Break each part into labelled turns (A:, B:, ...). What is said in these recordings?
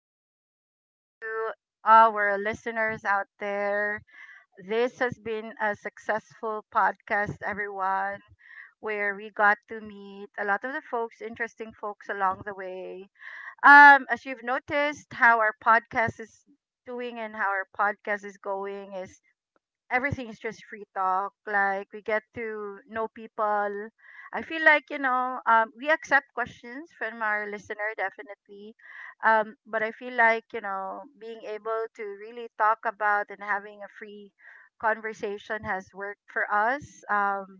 A: afternoon, good evening to our listeners out there. This has been a successful podcast, everyone, where we got to meet a lot of the folks, interesting folks along the way. As you've noticed, how our podcast is doing and how our podcast is going is, everything is just free talk. Like we get to know people. I feel like we accept questions from our listener definitely, but I feel like being able to really talk about and having a free conversation has worked for us.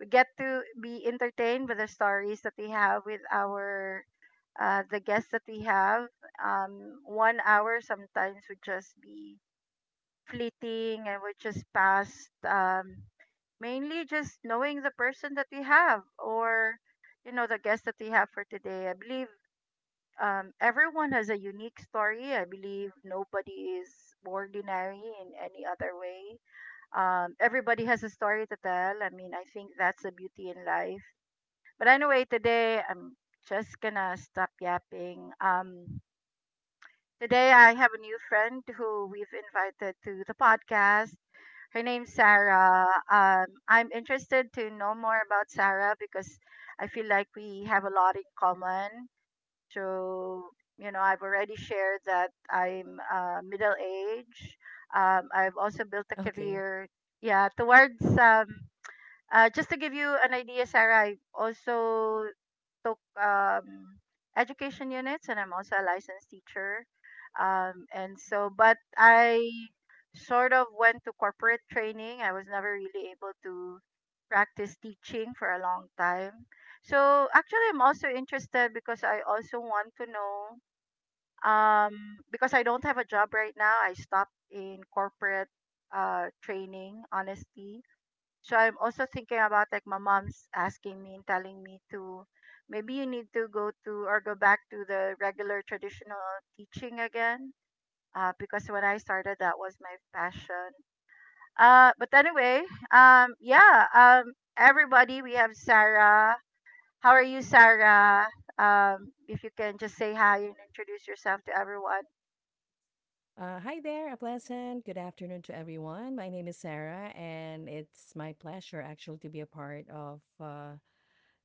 A: We get to be entertained with the stories that we have with our the guests that we have. 1 hour sometimes would just be fleeting and we're just past mainly just knowing the person that we have or the guest that we have for today. I believe everyone has a unique story. I believe nobody is ordinary in any other way. Everybody has a story to tell. I mean, I think that's the beauty in life. But anyway, today I'm just gonna stop yapping. Today, I have a new friend who we've invited to the podcast. Her name's Sarah. I'm interested to know more about Sarah because I feel like we have a lot in common. So, I've already shared that I'm middle age. I've also built a
B: Okay.
A: career, yeah, towards just to give you an idea, Sarah, I also took education units, and I'm also a licensed teacher. And so, but I sort of went to corporate training. I was never really able to practice teaching for a long time. So actually, I'm also interested because I also want to know because I don't have a job right now. I stopped in corporate training, honestly, so I'm also thinking about, like, my mom's asking me and telling me to maybe you need to go to or go back to the regular traditional teaching again. Because when I started, that was my passion. But anyway, yeah, everybody, we have Sarah. How are you, Sarah? If you can just say hi and introduce yourself to everyone.
B: Hi there, a pleasant good afternoon to everyone. My name is Sarah, and it's my pleasure actually to be a part of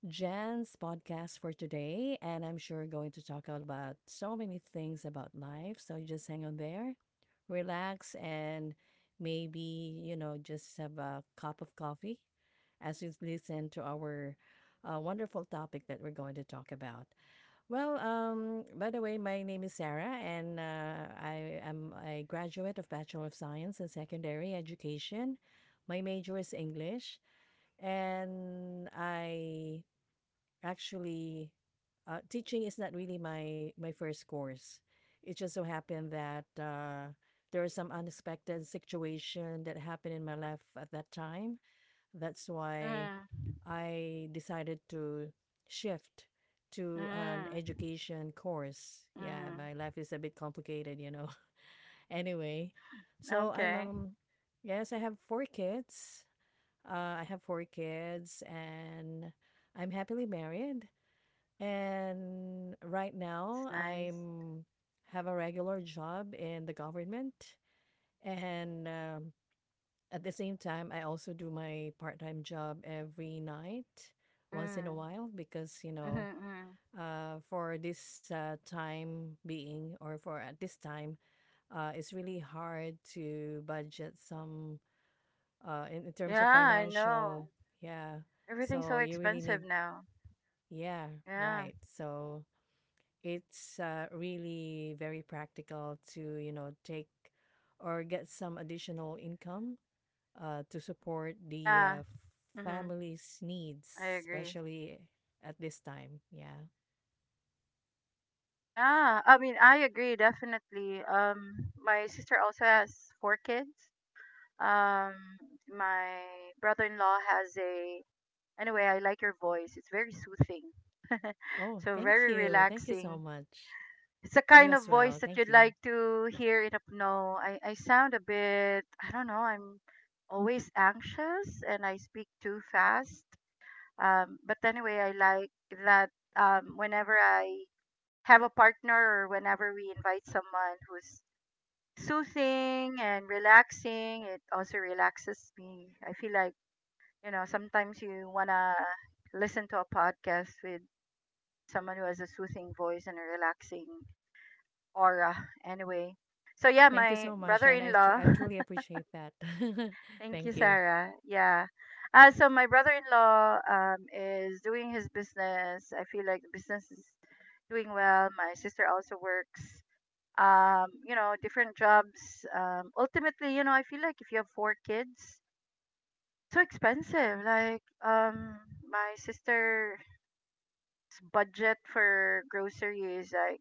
B: Jen's podcast for today. And I'm sure going to talk about so many things about life. So you just hang on there, relax, and maybe, just have a cup of coffee as you listen to our wonderful topic that we're going to talk about. Well, by the way, my name is Sarah, and I am a graduate of Bachelor of Science in Secondary Education. My major is English, and I actually teaching is not really my first course. It just so happened that there was some unexpected situation that happened in my life at that time. That's why
A: Mm,
B: I decided to shift to an
A: mm,
B: education course. Yeah,
A: mm.
B: my life is a bit complicated. Anyway, so I'm
A: Okay,
B: yes, I have four kids. I have four kids and I'm happily married, and right
A: that's
B: now
A: nice.
B: I'm have a regular job in the government, and at the same time, I also do my part-time job every night once in a
A: Mm,
B: while because,
A: mm-hmm.
B: for this time being, or for at this time, it's really hard to budget some, in terms
A: Yeah,
B: of
A: I know.
B: financial. Yeah.
A: Everything's
B: So
A: so
B: you really
A: expensive
B: need,
A: now.
B: yeah,
A: Yeah.
B: right. So it's really very practical to, take or get some additional income to support the
A: Yeah. Mhm.
B: family's needs,
A: I agree.
B: especially at this time. Yeah.
A: Yeah. I mean, I agree definitely. My sister also has four kids. Um my brother-in-law has a— anyway, I like your voice. It's very soothing.
B: Oh,
A: So
B: thank
A: very
B: you. Thank you so
A: relaxing.
B: much.
A: It's the
B: You
A: kind
B: as
A: of
B: well.
A: voice that
B: Thank
A: you'd
B: you.
A: like to hear in a— no. I sound a bit, I don't know, I'm always anxious and I speak too fast. But anyway, I like that whenever I have a partner or whenever we invite someone who's soothing and relaxing, it also relaxes me. I feel like, sometimes you want to listen to a podcast with someone who has a soothing voice and a relaxing aura anyway. So yeah,
B: Thank you so
A: my
B: much. And I, tr-
A: brother-in-law.
B: I truly appreciate that.
A: Thank
B: Thank
A: you,
B: you.
A: Sarah. Yeah. So my brother-in-law is doing his business. I feel like the business is doing well. My sister also works, different jobs. Ultimately, I feel like if you have four kids, so expensive. Like, my sister's budget for grocery is like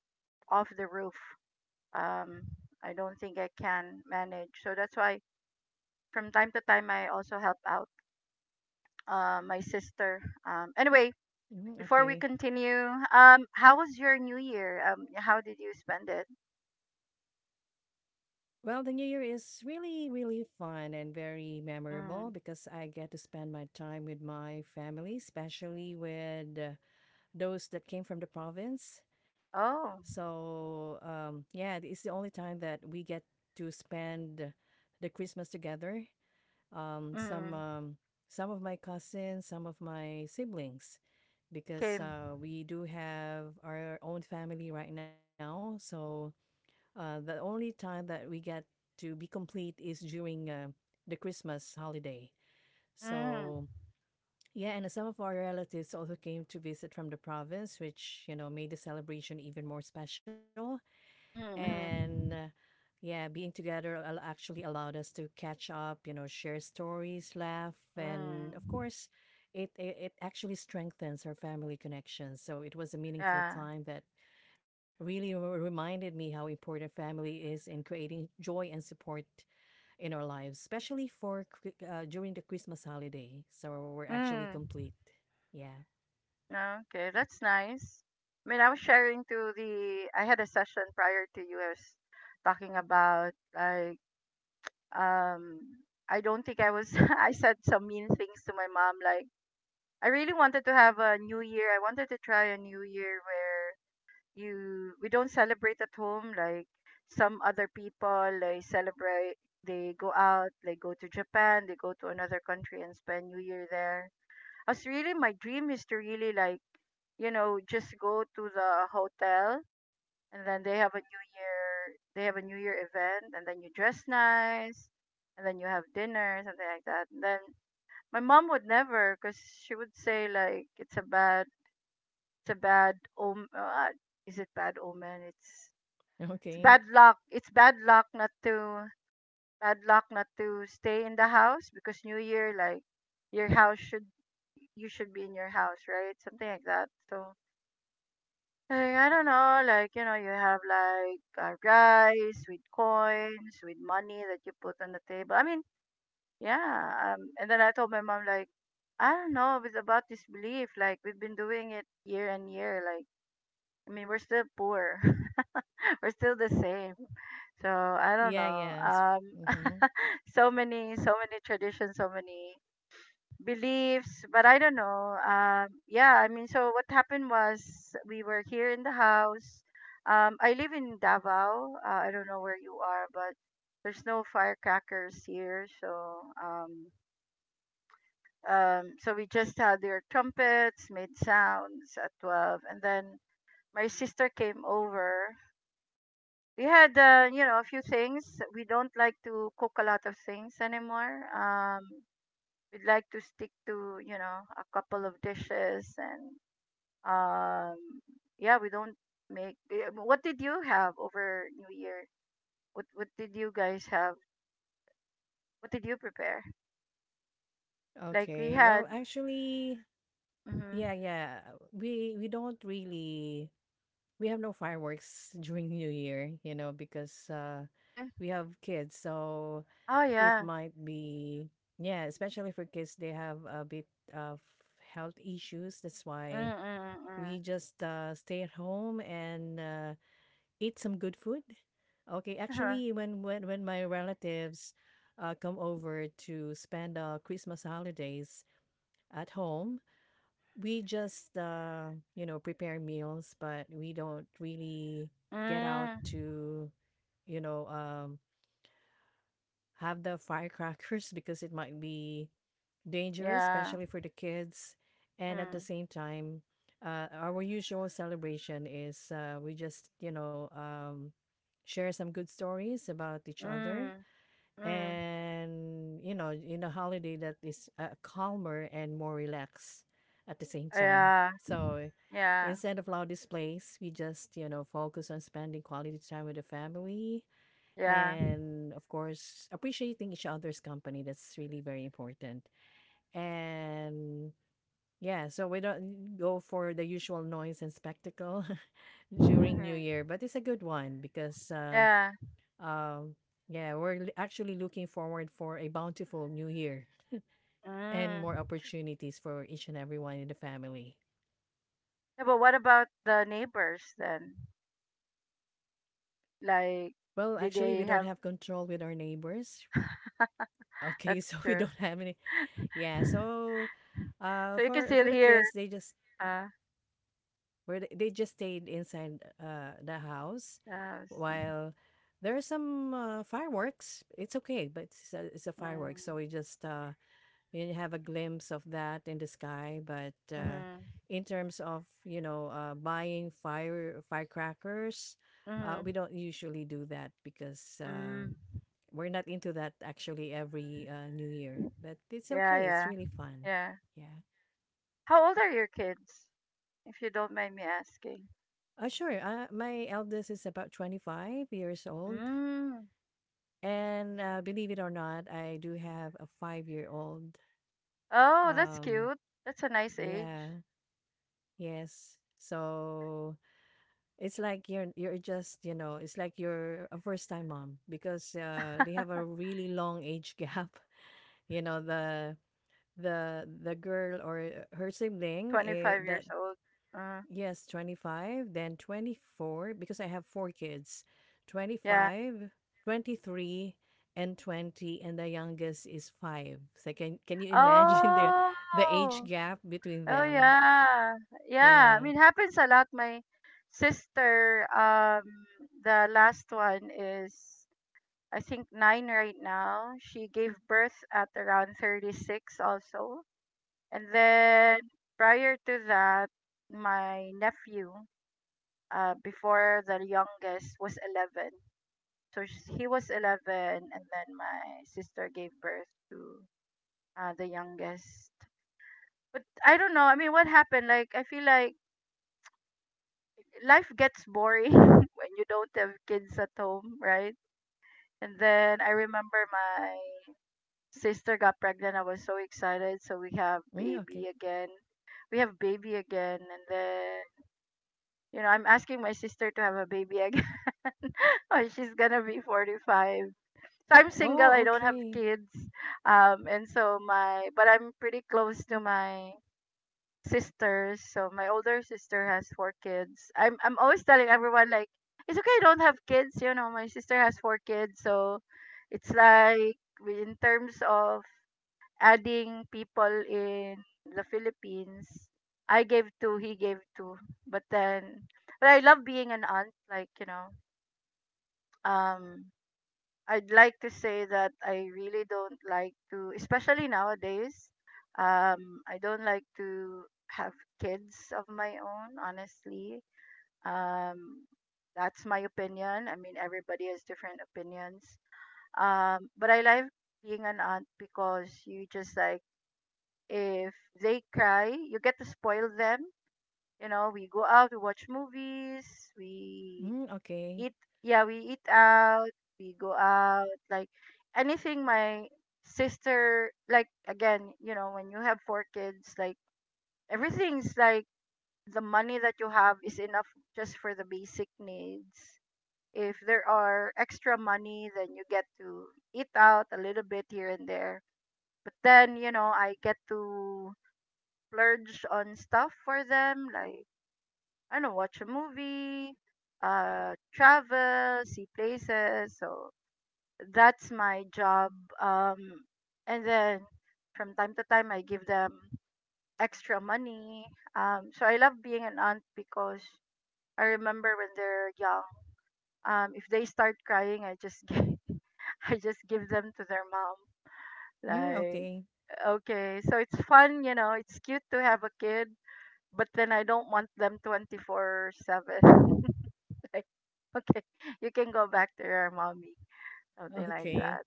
A: off the roof. Um, I don't think I can manage. So that's why from time to time I also help out my sister. Anyway,
B: Mhm.
A: before we
B: Okay.
A: continue, how was your New Year? How did you spend it?
B: Well, the New Year is really, really fun and very memorable
A: Mm.
B: because I get to spend my time with my family, especially with those that came from the province.
A: Oh,
B: So yeah, it's the only time that we get to spend the Christmas together. Um, some
A: mm.
B: um, some of my cousins, some of my siblings, because
A: Kim.
B: we do have our own family right now. So the only time that we get to be complete is during the Christmas holiday.
A: Mm.
B: So yeah, and some of our relatives also came to visit from the province, which, you know, made the celebration even more special.
A: Mm.
B: And
A: Mm.
B: yeah, being together actually allowed us to catch up, you know, share stories, laugh, and of
A: Mm.
B: course, it actually strengthens our family connections. So it was a
A: Yeah.
B: meaningful time that really reminded me how important family is in creating joy and support in our lives, especially for during the Christmas holiday. So we're
A: Mm.
B: actually complete. Yeah.
A: No. Okay, that's nice. I mean, I was sharing to the— I had a session prior to yours, talking about, like um. I don't think I was. I said some mean things to my mom, like, I really wanted to have a new year. I wanted to try a new year where you we don't celebrate at home, like some other people, like, celebrate. They go out, they go to Japan, they go to another country and spend New Year there. As really my dream is to really, like, just go to the hotel, and then they have a New Year event, and then you dress nice and then you have dinner, something like that. And then my mom would never, because she would say, like, it's a bad om is it bad omen? It's bad
B: Okay.
A: luck. It's bad luck not to bad luck not to stay in the house, because New Year, like, your house should you should be in your house, right? Something like that. So, like, I don't know, like, you have like rice with coins, with money that you put on the table. I mean, yeah. And then I told my mom, like, I don't know, it's about this belief. Like, we've been doing it year and year. Like, I mean, we're still poor. We're still the same. So I don't
B: Yeah.
A: know.
B: Yeah. Mm-hmm.
A: So many, so many traditions, so many beliefs, but I don't know. Yeah, I mean, so what happened was we were here in the house. I live in Davao. I don't know where you are, but there's no firecrackers here, so so we just had their trumpets, made sounds at 12, and then my sister came over. We had a few things. We don't like to cook a lot of things anymore. We'd like to stick to, a couple of dishes, and um yeah, we don't what did you have over new year? What did you guys have? What did you prepare? Like, we
B: Okay. Well,
A: had—
B: actually,
A: Mm-hmm.
B: yeah, yeah. We don't really we have no fireworks during New Year, because
A: Okay.
B: we have kids, so
A: Oh,
B: it
A: yeah.
B: might be. Yeah, especially for kids, they have a bit of health issues. That's
A: Mm,
B: why
A: mm, mm, mm.
B: we just stay at home and eat some good food. Okay, actually, when my relatives come over to spend Christmas holidays at home, we just, prepare meals, but we don't really get out
A: Mm,
B: to, you know um, have the firecrackers because it might be dangerous,
A: yeah.
B: especially for the kids. And at the
A: Mm,
B: same time, our usual celebration is, we just, share some good stories about each other.
A: mm, mm.
B: And, in a holiday that is calmer and more relaxed at the same time.
A: Yeah,
B: So
A: yeah,
B: instead of loud displays, we just, focus on spending quality time with the family
A: yeah.
B: and, of course, appreciating each other's company. That's really very important. And yeah, so we don't go for the usual noise and spectacle during
A: Mhm.
B: New Year, but it's a good one because,
A: Yeah.
B: um, we're actually looking forward for a bountiful New Year and
A: Mm.
B: more opportunities for each and everyone in the family.
A: Yeah, but what about the neighbors then? Like,
B: Well,
A: did
B: actually, we
A: they
B: don't
A: have?
B: have control with our neighbors. Okay,
A: That's
B: so we
A: true.
B: don't have any. Yeah, so
A: So you can
B: for
A: still
B: for the
A: hear
B: kids, they just
A: uh,
B: where they just stayed inside the house
A: the house.
B: while there are some fireworks. It's okay, but it's a fireworks,
A: Mm.
B: so we just you have a glimpse of that in the sky. But
A: Mhm.
B: in terms of, buying firecrackers, we
A: Mhm.
B: don't usually do that because
A: Mm.
B: we're not into that actually every New Year. But it's
A: Yeah,
B: okay. It's
A: yeah,
B: really fun.
A: yeah.
B: Yeah.
A: How old are your kids, if you don't mind me asking?
B: Sure. My eldest is about 25 years old.
A: Mm.
B: And, believe it or not, I do have a 5-year-old.
A: Oh, that's
B: Um,
A: cute. That's a nice age.
B: yeah, yes. So, it's like you're just, you know, it's like you're a first-time mom because, they have a really long age gap. You know, the girl or her sibling,
A: Twenty-five
B: that.
A: years old. Uh,
B: Yes, 25, then 24, because I have four kids: twenty
A: yeah.
B: five, 23, and 20, and the youngest is 5. So, can you imagine the age
A: Oh.
B: gap between
A: Oh
B: them?
A: yeah. Yeah, I
B: Yeah.
A: mean, happens a lot. My sister, the last one is, I think, nine right now. She gave birth at around 36 also. And then prior to that, my nephew, before the youngest was 11. So he was 11, and then my sister gave birth to the youngest. But I don't know. I mean, what happened? Like, I feel like life gets boring when you don't have kids at home, right? And then I remember my sister got pregnant. I was so excited. So we have
B: Mm, okay.
A: baby again. We have baby again. And then, I'm asking my sister to have a baby again. Oh, she's going to be 45. So I'm single. I
B: Oh,
A: don't have
B: okay.
A: kids. And so, but I'm pretty close to my sisters. So my older sister has four kids. I'm always telling everyone, like, it's okay, I don't have kids. You know, my sister has four kids, so it's like, in terms of adding people in the Philippines, I gave two, he gave two. But then, but I love being an aunt. Like, you know, um, I'd like to say that I really don't like to, especially nowadays, I don't like to have kids of my own, honestly. Um, that's my opinion. I mean, everybody has different opinions. But I like being an aunt because you just, like, if they cry, you get to spoil them. You know, we go out, we watch movies, we
B: Mm, okay.
A: eat, yeah, we eat out, we go out. Like, anything. My sister, like, again, you know, when you have four kids, like, everything's like, the money that you have is enough just for the basic needs. If there are extra money, then you get to eat out a little bit here and there. But then, you know, I get to splurge on stuff for them, like, I don't know, watch a movie, travel, see places. So that's my job. um and then from time to time I give them extra money. So I love being an aunt, because I remember when they're young, if they start crying, I just give I just give them to their mom.
B: Mm,
A: Like,
B: okay.
A: okay, so it's fun, you know, it's cute to have a kid, but then I don't want them 24/7. Like, okay, you can go back to your mommy, something like
B: Okay.
A: that.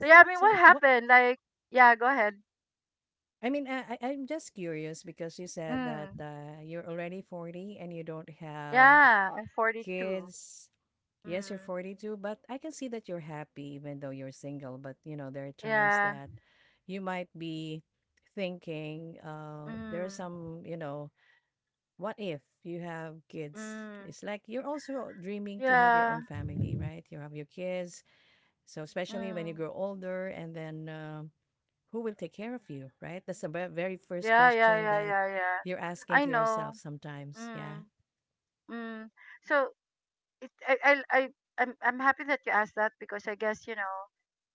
A: So yeah, I mean, what
B: so what?
A: happened, like, yeah, go ahead.
B: I mean, I'm just curious because you said that
A: Mm.
B: you're already 40 and you don't have
A: Yeah, I'm 42.
B: kids. Yes, you're
A: Mm.
B: 42, but I can see that you're happy even though you're single. But, you know, there are times
A: Yeah.
B: that you might be thinking, there are
A: Mm.
B: some, what if you have kids?
A: Mm.
B: It's like you're also dreaming to have your
A: Yeah.
B: own family, right? You have your kids. So, especially when you
A: Mm.
B: grow older, and then who will take care of you, right? That's the very first
A: Yeah, yeah,
B: question
A: yeah,
B: that
A: yeah, yeah.
B: you're asking
A: I
B: to
A: know.
B: yourself sometimes. Yeah.
A: Mm. Mm. So it I I'm happy that you asked that because I guess, you know,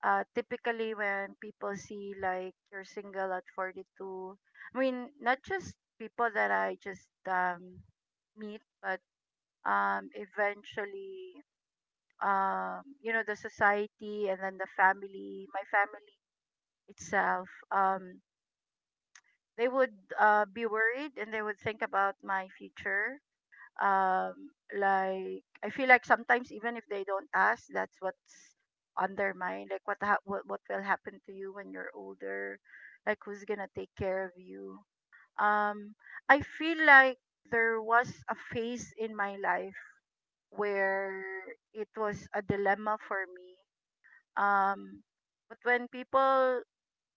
A: uh typically when people see like you're single at 42. I mean, not just people that I just meet, but eventually you know, the society and then the family my family itself, they would be worried and they would think about my future. um like, I feel like sometimes even if they don't ask, that's what's on their mind, like what will happen to you when you're older, like who's gonna take care of you. um I feel like there was a phase in my life where it was a dilemma for me. Um, but when people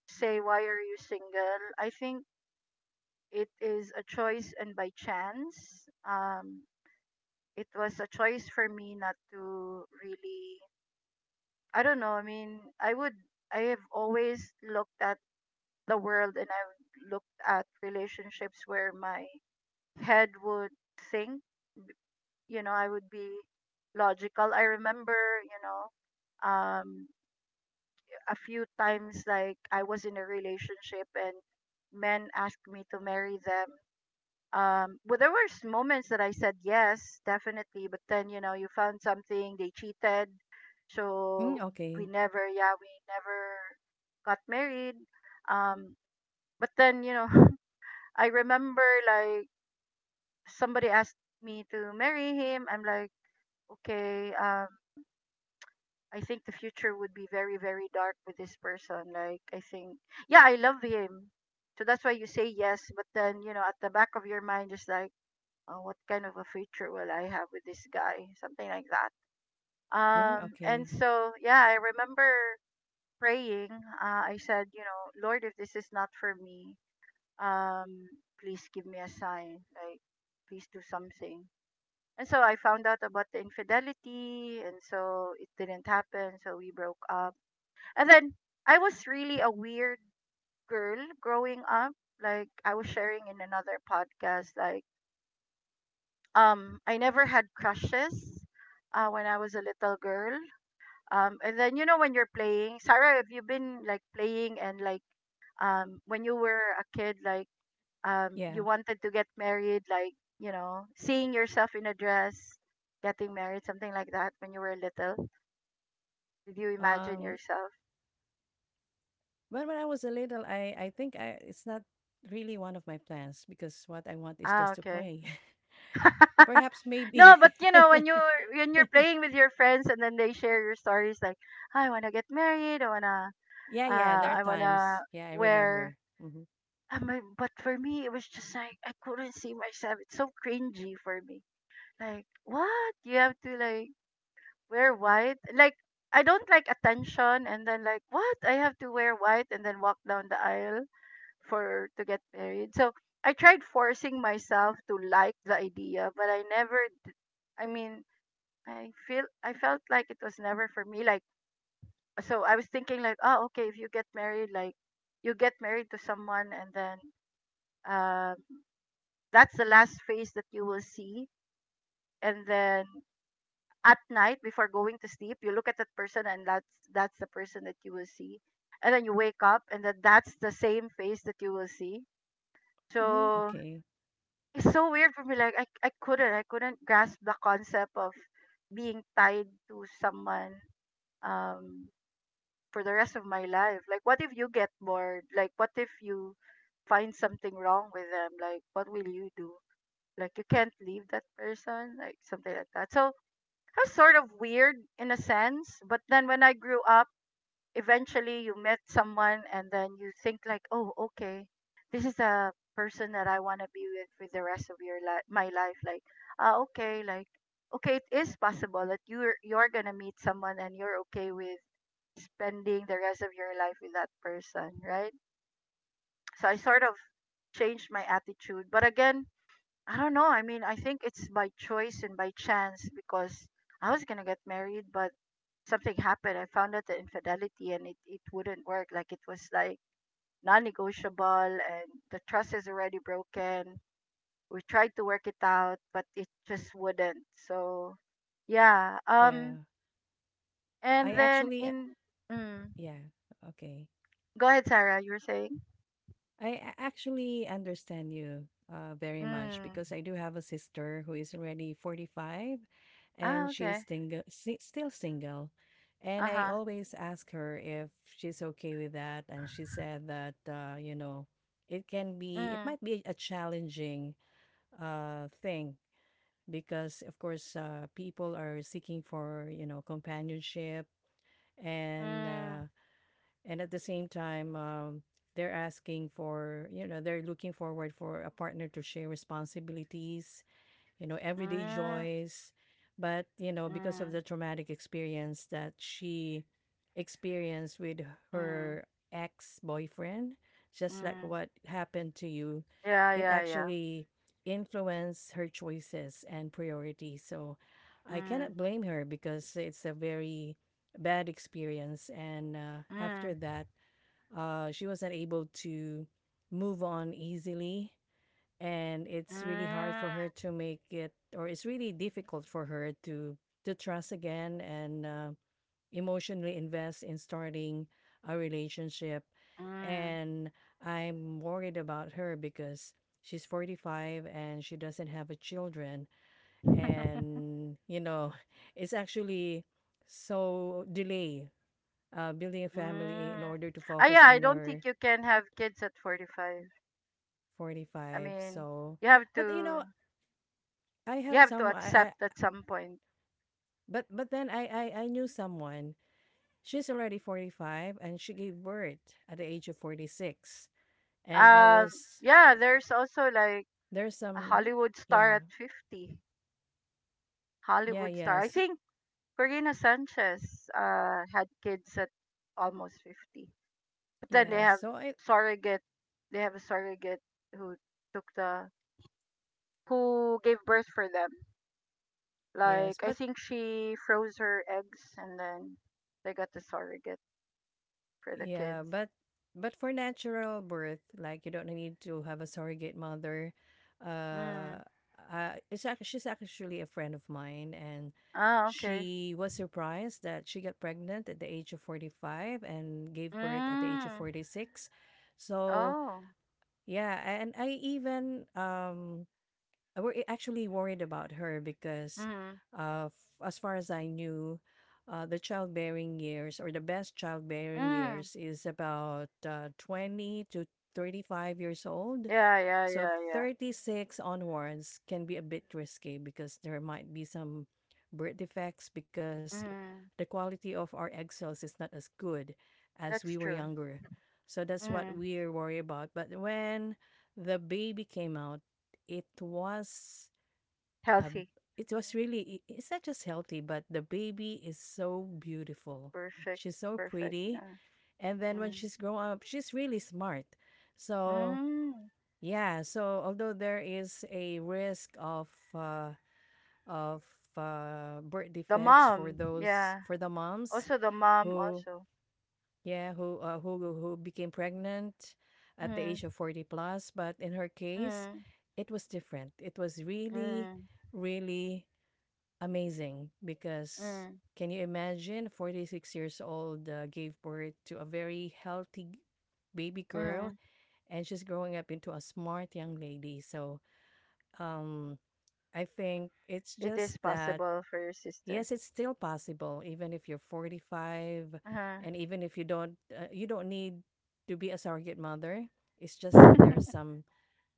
A: say, "Why are you single?" I think it is a choice, and by chance, it was a choice for me not to really. I don't know. I mean, I would. I have always looked at the world, and I've looked at relationships where my head would think. You know, I would be logical. I remember, um, a few times like I was in a relationship and men asked me to marry them. Well, there was moments that I said yes, definitely, but then you know you found something, they cheated,
B: Mm,
A: so we
B: okay.
A: never, yeah, we never got married. Um, but then, you know, I remember like somebody asked me to marry him. I'm like, okay, I think the future would be very, very dark with this person. Like, I think, yeah, I love him. So that's why you say yes. But then, you know, at the back of your mind, just like, oh, what kind of a future will I have with this guy? Something like that.
B: Mm,
A: And
B: okay.
A: so, yeah, I remember praying. I said, you know, Lord, if this is not for me, um, please give me a sign. Like, please do something. And so I found out about the infidelity. And so it didn't happen. So we broke up, and then I was really a weird girl growing up. Like I was sharing in another podcast, like I never had crushes when I was a little girl. And then, you know, when you're playing, Sarah, have you been like playing and like when you were a kid like you
B: Yeah.
A: wanted to get married like, you know, seeing yourself in a dress, getting married, something like that when you were little? Did you imagine
B: Um,
A: yourself?
B: well, when I was a little, I think I it's not really one of my plans because what I want is
A: Ah,
B: just to
A: okay.
B: play. Perhaps
A: No,
B: maybe.
A: but you know when you when you're playing with your friends and then they share your stories like I wanna get married,
B: Yeah, yeah. There are
A: I wanna
B: times. Yeah, I
A: wear,
B: remember. Mm-hmm.
A: I mean, but for me it was just like I couldn't see myself. It's so cringy for me. Like what, you have to like wear white? Like I don't like attention, and then like what, I have to wear white and then walk down the aisle for to get married. So I tried forcing myself to like the idea, but I never d- I mean, I felt like it was never for me. Like so I was thinking like, oh, okay, if you get married, like you get married to someone and then um that's the last face that you will see. And then at night before going to sleep, you look at that person, and that's the person that you will see. And then you wake up and then that's the same face that you will see.
B: Mm-hmm.
A: So
B: Okay.
A: it's so weird for me. Like I couldn't grasp the concept of being tied to someone um for the rest of my life. Like, what if you get bored? Like, what if you find something wrong with them? Like, what will you do? Like, you can't leave that person? Like, something like that. So, I was sort of weird in a sense. But then when I grew up, eventually you met someone and then you think, like, oh, okay, this is a person that I want to be with for the rest of your life, my life. Like, ah, okay, like, okay, it is possible that you're gonna meet someone and you're okay with spending the rest of your life with that person, right? So I sort of changed my attitude. But again, I don't know. I mean, I think it's by choice and by chance because I was going to get married, but something happened. I found out the infidelity and it wouldn't work. Like it was like non negotiable and the trust is already broken. We tried to work it out, but it just wouldn't. So, yeah.
B: Yeah, I
A: And then
B: actually.
A: in, mm,
B: Yeah. Okay.
A: go ahead, Sarah. You were saying.
B: I actually understand you very much
A: Mm.
B: because I do have a sister who is already 45
A: Ah,
B: and she's
A: okay.
B: single, still single. And I
A: Uh-huh.
B: always ask her if she's okay with that. And she said that, you know, it can be, it
A: Mm,
B: might be a challenging thing because, of course, people are seeking for, you know, companionship, and
A: mm,
B: at the same time, they're asking for you know they're looking forward for a partner to share responsibilities, everyday
A: mm,
B: joys. But, you know, because of
A: mm,
B: the traumatic experience that she experienced with
A: mm,
B: her ex boyfriend, just like
A: mm.
B: what happened to you,
A: Yeah,
B: it
A: yeah, yeah.
B: actually influenced her choices and priorities. So I
A: Mm,
B: cannot blame her because it's a very bad experience. And after
A: mm,
B: that, she wasn't able to move on easily, and it's really hard for her
A: mm,
B: to make it, or it's really difficult for her to trust again and emotionally invest in starting a relationship.
A: mm.
B: And I'm worried about her because she's 45 and she doesn't have a children, and it's actually so delay building a family
A: Mm.
B: in order to
A: Ah,
B: focus
A: yeah, I
B: on
A: don't think
B: her.
A: you can have kids at 45. I
B: 45,
A: mean,
B: so,
A: you have
B: but, you
A: to
B: know, I
A: you
B: have
A: have to
B: some,
A: accept at some point.
B: but then I knew someone. She's already 45 and she gave birth at the age of 46. And I
A: Um,
B: was,
A: yeah, there's also like
B: there's
A: a
B: some,
A: Hollywood star
B: yeah.
A: at 50.
B: Yeah,
A: Hollywood star. I
B: yes.
A: think Corina Sanchez had kids at almost 50. But then they
B: Yes.
A: have
B: So I,
A: surrogate. They have a surrogate who took the who gave birth for them.
B: yes,
A: Like I
B: but,
A: think she froze her eggs and then they got the surrogate for the
B: yeah,
A: kids.
B: but for natural birth, like you don't need to have a surrogate mother. Uh,
A: Mm.
B: she's actually a friend of mine, and
A: Ah, okay.
B: she was surprised that she got pregnant at the age of 45 and gave birth at the age of
A: Mm.
B: 46. So,
A: Oh.
B: yeah, and I were actually worried about her because,
A: Mm.
B: as far as I knew, the childbearing years, or the best childbearing
A: Mm.
B: years, is about 20 to 35 years old.
A: Yeah, yeah,
B: So
A: yeah, yeah.
B: 36 onwards can be a bit risky because there might be some birth defects because the
A: Mm.
B: quality of our egg cells is not as good as we
A: That's
B: were
A: true.
B: younger. So that's what
A: Mm.
B: we're worried about. But when the baby came out, it was a
A: Healthy.
B: it was really it's not just healthy, but the baby is so beautiful.
A: Perfect.
B: She's so
A: Perfect.
B: pretty,
A: Yeah.
B: and then when
A: Mm.
B: she's grown up, she's really smart. So
A: Mm.
B: yeah, so although there is a risk uh, of birth
A: The
B: defects for
A: mom.
B: those
A: Yeah.
B: for the moms
A: Also the mom
B: who
A: also.
B: yeah who who became pregnant at the
A: Mm.
B: age of 40 plus. But in her case
A: Mm,
B: it was different, it was really
A: mm,
B: really amazing because,
A: mm,
B: can you imagine, 46 years old gave birth to a very healthy baby girl,
A: mm.
B: and she's growing up into a smart young lady. So um I think it's
A: It
B: just
A: is
B: that.
A: possible for your sister.
B: Yes, it's still possible even if you're 45,
A: Uh-huh.
B: and even if you don't you don't need to be a surrogate mother. It's just that there are some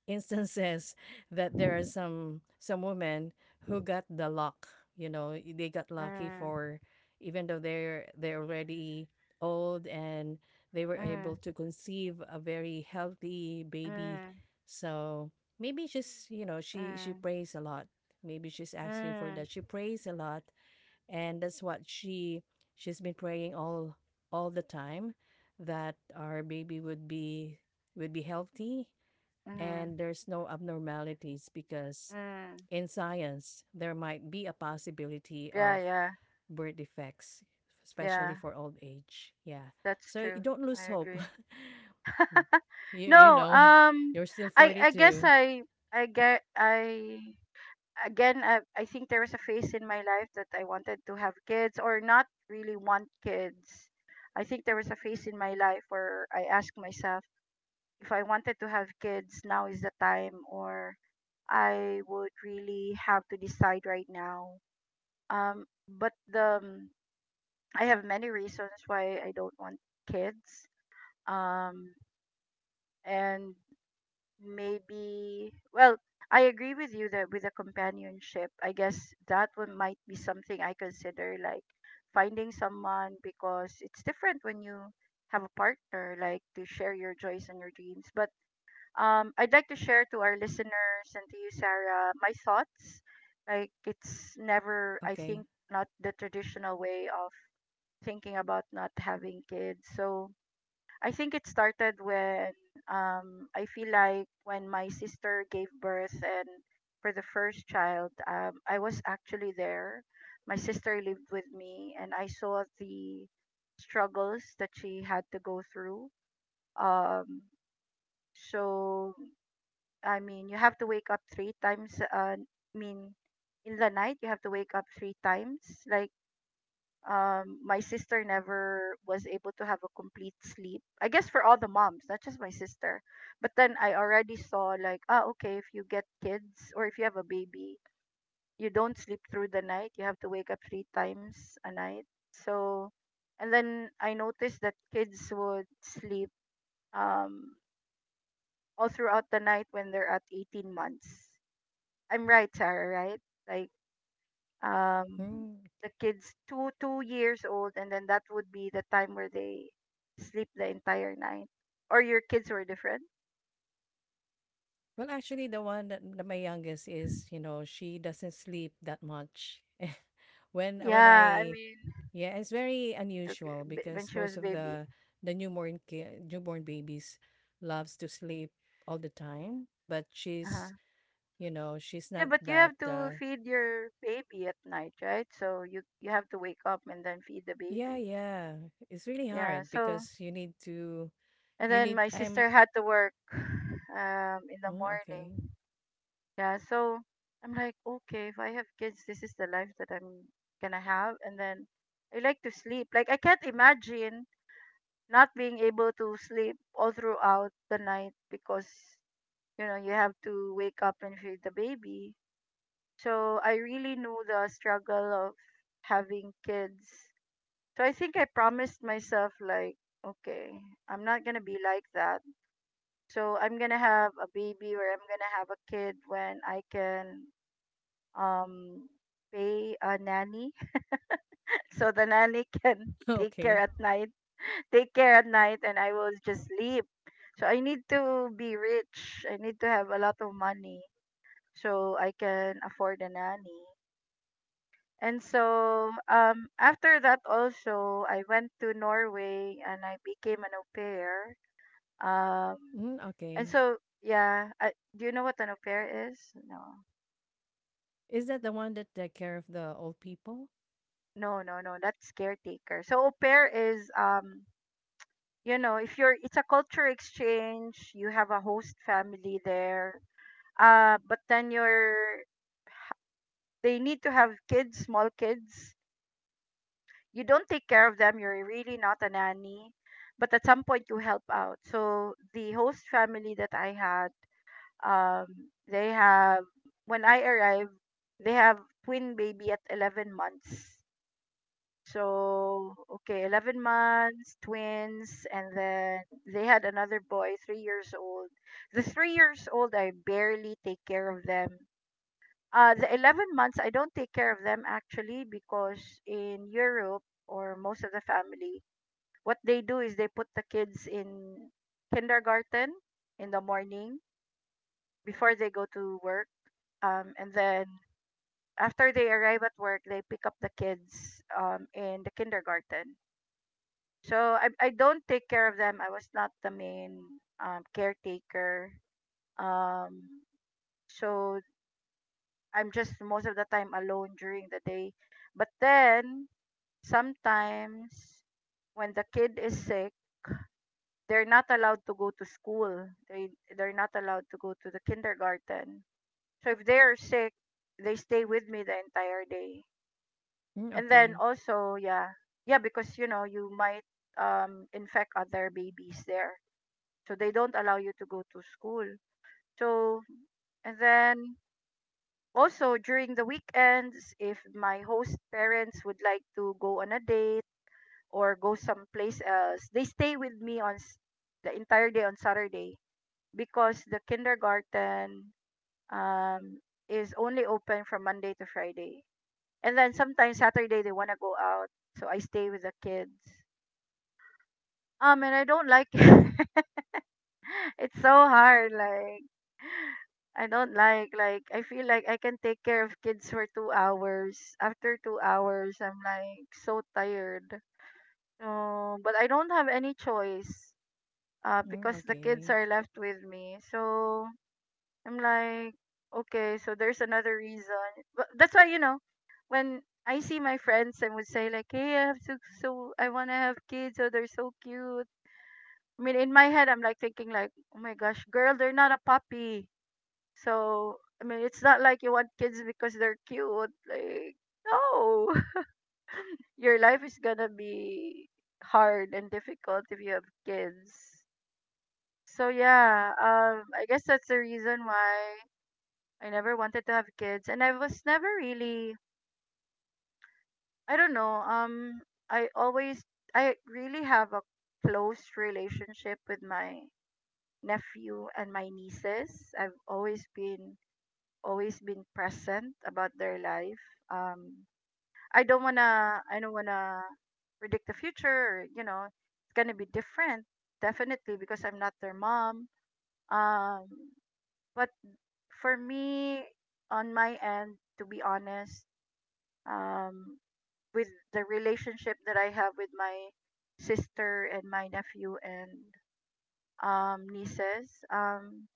B: instances that there are some women who got the luck, they got lucky,
A: Mm,
B: for even though they're already old, and they were
A: mm,
B: able to conceive a very healthy baby.
A: mm,
B: So maybe she's, you know, she
A: mm,
B: prays a lot. Maybe she's asking for
A: mm,
B: that. She prays a lot, and that's what she's been praying all the time, that our baby would be healthy
A: mm,
B: and there's no abnormalities, because
A: mm.
B: in science there might be a possibility
A: Yeah,
B: of
A: yeah,
B: birth defects, especially
A: yeah.
B: for old age, yeah.
A: That's
B: So you
A: true.
B: don't
A: I
B: lose hope.
A: agree.
B: you you
A: No,
B: know you're still
A: I guess
B: 42.
A: I again I think there was a phase in my life that I wanted to have kids or not really want kids. I think there was a phase in my life where I asked myself if I wanted to have kids, now is the time, or I would really have to decide right now. But the I have many reasons why I don't want kids. Um, and maybe, well, I agree with you that with a companionship, I guess that one might be something I consider like finding someone because it's different when you have a partner, like to share your joys and your dreams. But I'd like to share to our listeners and to you, Sarah, my thoughts. Like, it's never, I
B: Okay.
A: think, not the traditional way of thinking about not having kids. So, I think it started when I feel like when my sister gave birth and for the first child, I was actually there. My sister lived with me and I saw the struggles that she had to go through. Um, so, I mean, you have to wake up 3 times. I mean, in the night, you have to wake up 3 times. Like, my sister never was able to have a complete sleep. I guess for all the moms, not just my sister. But then I already saw, like, ah, okay, if you get kids or if you have a baby, you don't sleep through the night. You have to wake up three times a night. So, and then I noticed that kids would sleep um, all throughout the night when they're at 18 months. I'm right, Sarah, right? Like um
B: Mm.
A: the kids, two years old, and then that would be the time where they sleep the entire night. Or your kids were different?
B: Well, actually, the one that that my youngest is, you know, she doesn't sleep that much. When
A: Yeah, I
B: I
A: mean
B: yeah, it's very
A: took-
B: unusual
A: when
B: because
A: she was
B: most of
A: baby.
B: the newborn babies loves to sleep all the time, but she's,
A: Uh-huh.
B: you know, she's
A: Yeah,
B: not
A: but you
B: that.
A: have to feed your baby at night, right? So you have to wake up and then feed the
B: Yeah,
A: baby.
B: yeah, it's really
A: Yeah,
B: hard
A: so
B: because
A: and
B: you
A: then
B: need.
A: my
B: I'm,
A: sister had to work in the
B: mm, okay.
A: morning. Yeah, so I'm like, okay, if I have kids, this is the life that I'm gonna have. And then I like to sleep. Like, I can't imagine not being able to sleep all throughout the night because, you know, you have to wake up and feed the baby. So I really know the struggle of having kids. So I think I promised myself, like, okay, I'm not gonna be like that. So I'm gonna have a baby, or I'm gonna have a kid when I can um pay a nanny. So the nanny can
B: Okay.
A: take care at night, and I will just sleep. So I need to be rich. I need to have a lot of money so I can afford a nanny. And so, after that, also, I went to Norway and I became an au pair. um
B: Mm,
A: and
B: okay.
A: so, yeah, do you know what an au pair is? No,
B: Is that the one that take care of the old people?
A: no, no, no, that's caretaker. So au pair is, if you're it's a culture exchange. You have a host family there. But then, you're they need to have kids, small kids. You don't take care of them, you're really not a nanny, but at some point you help out. So the host family that I had, um they have when I arrived, they have twin baby at 11 months. So, okay, 11 months, twins, and then they had another boy, 3 years old. The 3 years old, I barely take care of them. The 11 months, I don't take care of them actually, because in Europe, or most of the family, what they do is they put the kids in kindergarten in the morning before they go to work. And then after they arrive at work, they pick up the kids in the kindergarten. So I don't take care of them. I was not the main caretaker. Um, so I'm just most of the time alone during the day. But then sometimes when the kid is sick, they're not allowed to go to school. They're not allowed to go to the kindergarten. So if they are sick, they stay with me the entire day.
B: Mm,
A: And then
B: okay.
A: also, yeah, yeah, because you might infect other babies there. So they don't allow you to go to school. So, and then also during the weekends, if my host parents would like to go on a date or go someplace else, they stay with me the entire day on Saturday, because the kindergarten um, is only open from Monday to Friday. And then sometimes Saturday they want to go out, so I stay with the kids. And I don't like it. It's so hard. Like, I don't like, I feel like I can take care of kids for 2 hours. After 2 hours, I'm like so tired. No, but I don't have any choice.
B: Mm,
A: Because the kids
B: okay.
A: are left with me, so I'm like, okay, so there's another reason. But that's why, when I see my friends, and would say like, hey, I have so so I wanna have kids, so they're so cute. I mean, in my head, I'm like thinking like, oh my gosh, girl, they're not a puppy. So, I mean, it's not like you want kids because they're cute. Like, no, your life is gonna be hard and difficult if you have kids. So yeah, I guess that's the reason why I never wanted to have kids, and I was never really, I don't know, I always, I really have a close relationship with my nephew and my nieces. I've always been present about their life. Um, I don't wanna predict the future. Or, it's gonna be different, definitely, because I'm not their mom. Um, but for me, on my end, to be honest, um, with the relationship that I have with my sister and my nephew and, nieces.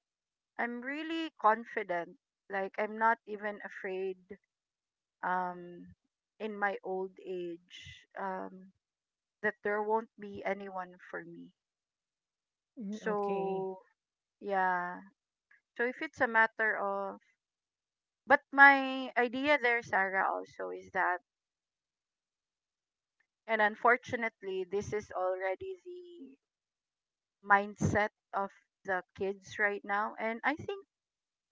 A: I'm really confident. Like, I'm not even afraid, um in my old age, that there won't be anyone for me.
B: Mm, okay.
A: So yeah. So, if it's a matter of, but my idea there, Sarah, also, is that, and unfortunately this is already the mindset of the kids right now, and I think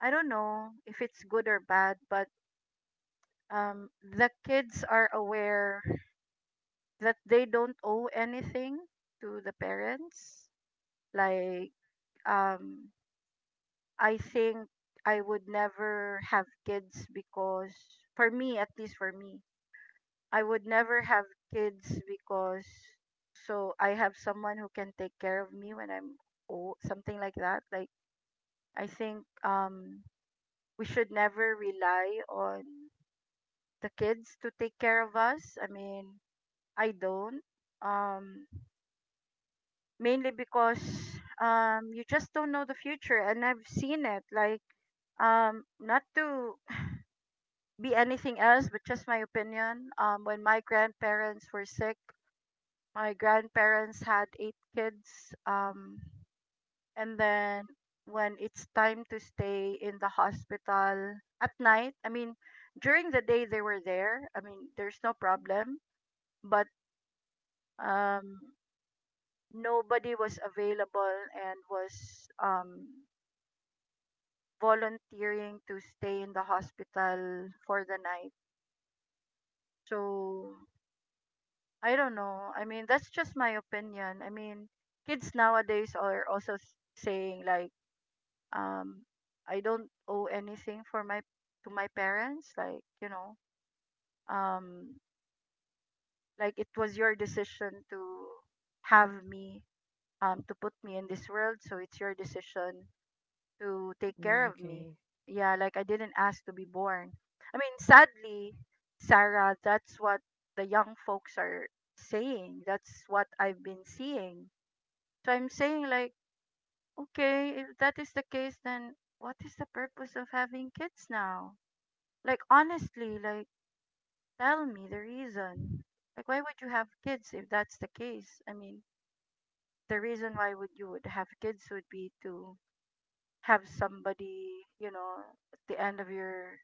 A: I don't know if it's good or bad, but the kids are aware that they don't owe anything to the parents. Like, um, I think I would never have kids because, for me, at least for me, I would never have kids because, so I have someone who can take care of me when I'm old, something like that. Like, I think we should never rely on the kids to take care of us. I mean, I don't. Um, Mainly because, you just don't know the future, and I've seen it like, not to be anything else, but just my opinion, when my grandparents were sick, my grandparents had eight kids, and then when it's time to stay in the hospital at night, I mean during the day they were there, I mean there's no problem, but um nobody was available, and was volunteering to stay in the hospital for the night. So I don't know. I mean, that's just my opinion. I mean, kids nowadays are also saying like, um, I don't owe anything for my to my parents. Like, um, like it was your decision to have me, to put me in this world. So it's your decision to take
B: Mm,
A: care of me.
B: okay.
A: Yeah, like, I didn't ask to be born. I mean, sadly, Sarah, that's what the young folks are saying. That's what I've been seeing. So I'm saying, like, okay, if that is the case, then what is the purpose of having kids now? Like, honestly, like, tell me the reason. Like, why would you have kids if that's the case? I mean, the reason why would you would have kids would be to have somebody, at the end of your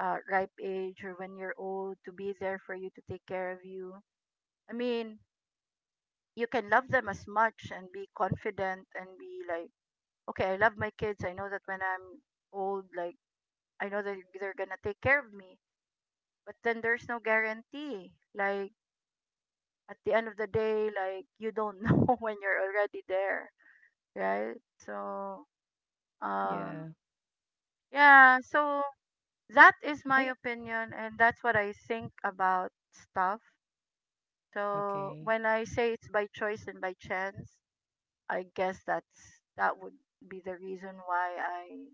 A: ripe age, or when you're old, to be there for you, to take care of you. I mean, you can love them as much and be confident, and be like, okay, I love my kids. I know that when I'm old, like, I know that they're gonna take care of me. But then there's no guarantee. Like, at the end of the day, like, you don't know when you're already there, right? So, um,
B: Yeah.
A: yeah, so that is my
B: I
A: opinion, and that's what I think about stuff. So
B: okay.
A: when I say it's by choice and by chance, I guess that would be the reason why I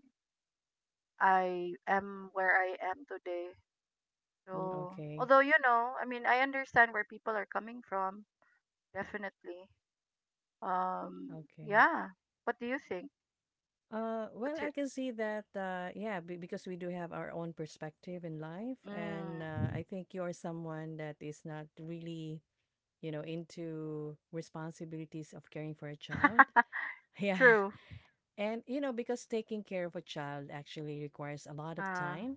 A: I am where I am today.
B: Mm,
A: So,
B: okay.
A: although, I mean, I understand where people are coming from, definitely. Um,
B: Okay.
A: yeah. What do you think?
B: Well,
A: What's your,
B: I can see that. Yeah, be because we do have our own perspective in life, and I
A: mm,
B: think you're someone that is not really, you know, into responsibilities of caring for a child. Yeah,
A: true.
B: and you know, because taking care of a child actually requires a lot of
A: Uh,
B: time.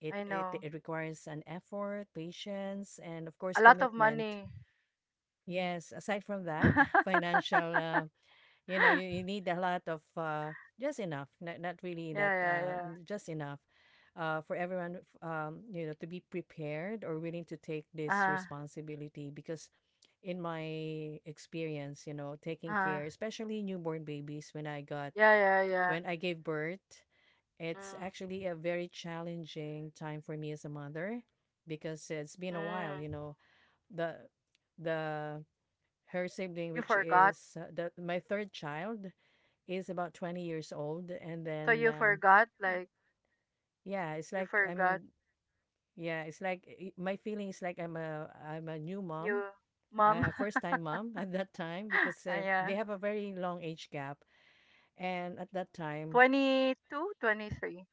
A: I know,
B: It requires an effort, patience, and of
A: a
B: course,
A: lot of
B: commitment.
A: money.
B: Yes, aside from that,
A: Yeah,
B: financial, you know, you need a lot of just enough, not really that,
A: yeah,
B: just enough for everyone, you know, to be prepared or willing to take this
A: yeah.
B: responsibility. Because in my experience, you know,
A: Uh,
B: taking
A: uh,
B: care, especially newborn babies,
A: yeah, yeah, yeah.
B: when I gave birth, it's
A: Mm,
B: actually a very challenging time for me as a mother, because it's been a while, you
A: mm.
B: know, the, the her sibling,
A: You
B: which
A: forgot?
B: is the my third child, is about 20 years old, and
A: So
B: then
A: you forgot? Like,
B: yeah, it's
A: you
B: like
A: forgot?
B: I'm yeah, it's like, my feeling is like I'm a new mom,
A: You, mom?
B: a first time mom. At that time, because
A: Ah, yeah.
B: they have a very long age gap, and at that time
A: 22, 23.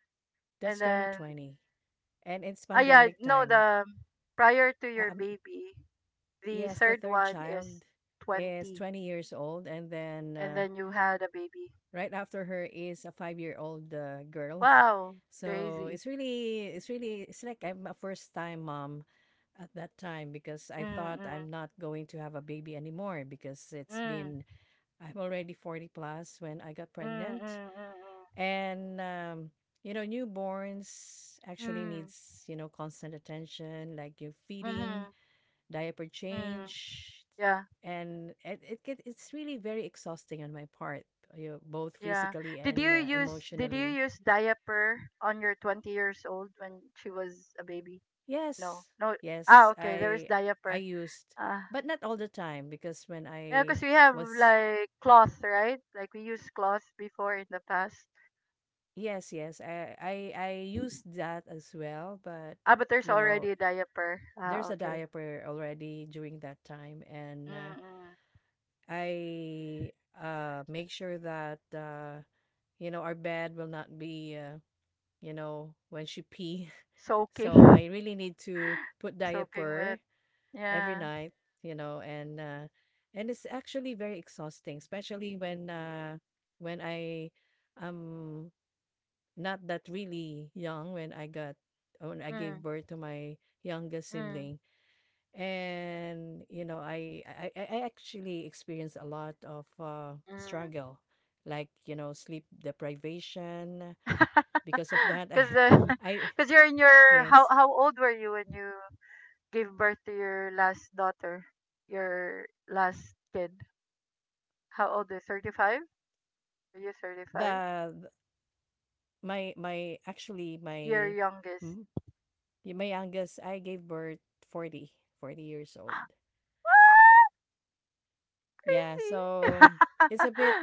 A: And
B: that's
A: then,
B: 2020, and it's
A: ah, yeah,
B: pandemic
A: no,
B: time.
A: the prior to your
B: Um,
A: baby, the
B: yes, the
A: third
B: third
A: one is
B: child is
A: 20.
B: 20 years old, and then.
A: And then you had a baby.
B: Right after her is a 5-year old girl.
A: Wow.
B: So
A: Crazy.
B: it's really, it's really, it's like I'm a first time mom at that time, because I thought I'm
A: Mm-mm.
B: not going to have a baby anymore because it's
A: Mm.
B: been, I'm already 40 plus when I got
A: Mm.
B: pregnant.
A: Mm.
B: And, you know, newborns
A: Mm. Mm.
B: actually
A: Mm.
B: needs, you know, constant attention, like your
A: Hmm.
B: feeding, diaper
A: Mm.
B: change,
A: Yeah.
B: and it's really very exhausting on my part, you know, both
A: Yeah.
B: physically and
A: Did you
B: emotionally.
A: use diaper on your 20 years old when she was a baby? No,
B: Yes.
A: no. Ah,
B: Yes,
A: okay. There is
B: I
A: diaper.
B: used,
A: Ah,
B: but not all the time. Because when
A: yeah,
B: I
A: because we have
B: was,
A: like cloth, right? Like, we use cloth before in the past.
B: yes, yes, I used that as well, but
A: Ah, but there's
B: you know,
A: already a diaper. Ah,
B: there's a
A: okay.
B: diaper already during that time, and
A: Mm-mm.
B: I make sure that you know our bed will not be you know, when she pee.
A: Soaking,
B: So I really need to put
A: soaking wet.
B: diaper every
A: Yeah.
B: night, you know, and it's actually very exhausting, especially when I um not that really young when I got when I gave
A: Mm.
B: birth to my youngest
A: Mm.
B: sibling, and you know I actually experienced a lot of
A: Mm.
B: struggle, like you know, sleep deprivation because of that.
A: Because
B: I
A: because you're in your how
B: yes
A: how old were you when you gave birth to your last daughter, your last kid? How old? Is 35? Are you 35?
B: the th-
A: Your
B: my
A: youngest.
B: m- my youngest, I gave birth 40, 40 years old. Yeah,
A: Crazy.
B: so it's a bit,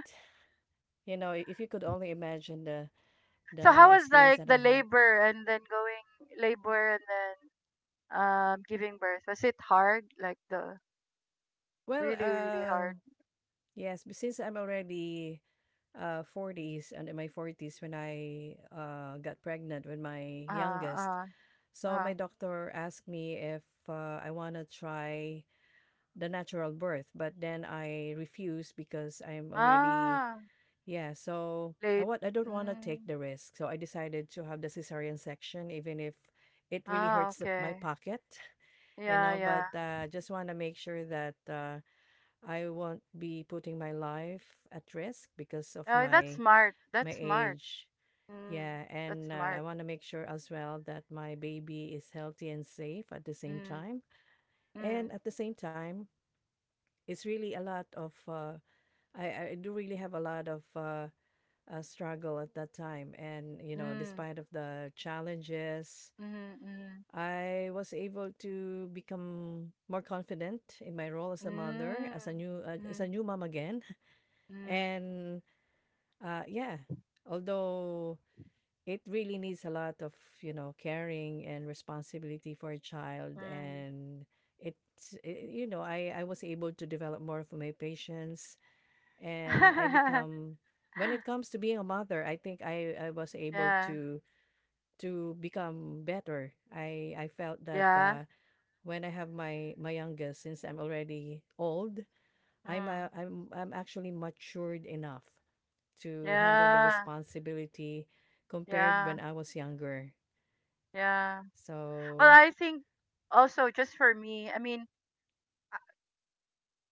B: you know, if you could only imagine the
A: So how was
B: experience
A: like
B: that I
A: the
B: have.
A: labor and then giving birth? Was it hard? Like, the
B: Well,
A: really really hard.
B: yes, but since I'm already 40s, and in my 40s when I got pregnant with my
A: Uh
B: youngest,
A: uh
B: so
A: uh.
B: my doctor asked me if I want to try the natural birth, but then I refused because I'm already.
A: Ah,
B: Yeah, so
A: late.
B: I don't want to take
A: Mm.
B: the risk. So I decided to have the cesarean section, even if it really
A: Ah,
B: hurts my
A: okay.
B: pocket, you
A: Yeah,
B: know, but
A: yeah.
B: just want to make sure that I won't be putting my life at risk because of
A: Oh, that's smart.
B: my
A: That's smart.
B: age.
A: Mm.
B: Yeah,
A: That's
B: and I
A: smart.
B: want to make sure as well that my baby is healthy and safe at the same
A: Mm.
B: time. And
A: Mm.
B: at the same time, it's really a lot of I do really have a lot of struggle at that time. And you know,
A: Mm.
B: despite of the challenges,
A: Mm.
B: I was able to become more confident in my role as a mother,
A: Mm. Mm.
B: as a
A: Mm.
B: new mom again. And yeah, although it really needs a lot of, you know, caring and responsibility for a child,
A: Mm.
B: and you know, I was able to develop more of my patience, and I
A: Mm.
B: become, when it comes to being a mother, I think I was able
A: Yeah.
B: to become better. I felt that
A: Yeah.
B: when I have my youngest, since I'm already old,
A: Mm.
B: I'm actually matured enough to handle the
A: Yeah,
B: responsibility compared when
A: yeah,
B: I was younger.
A: yeah. Well,
B: So
A: I think, also, just for me, I mean,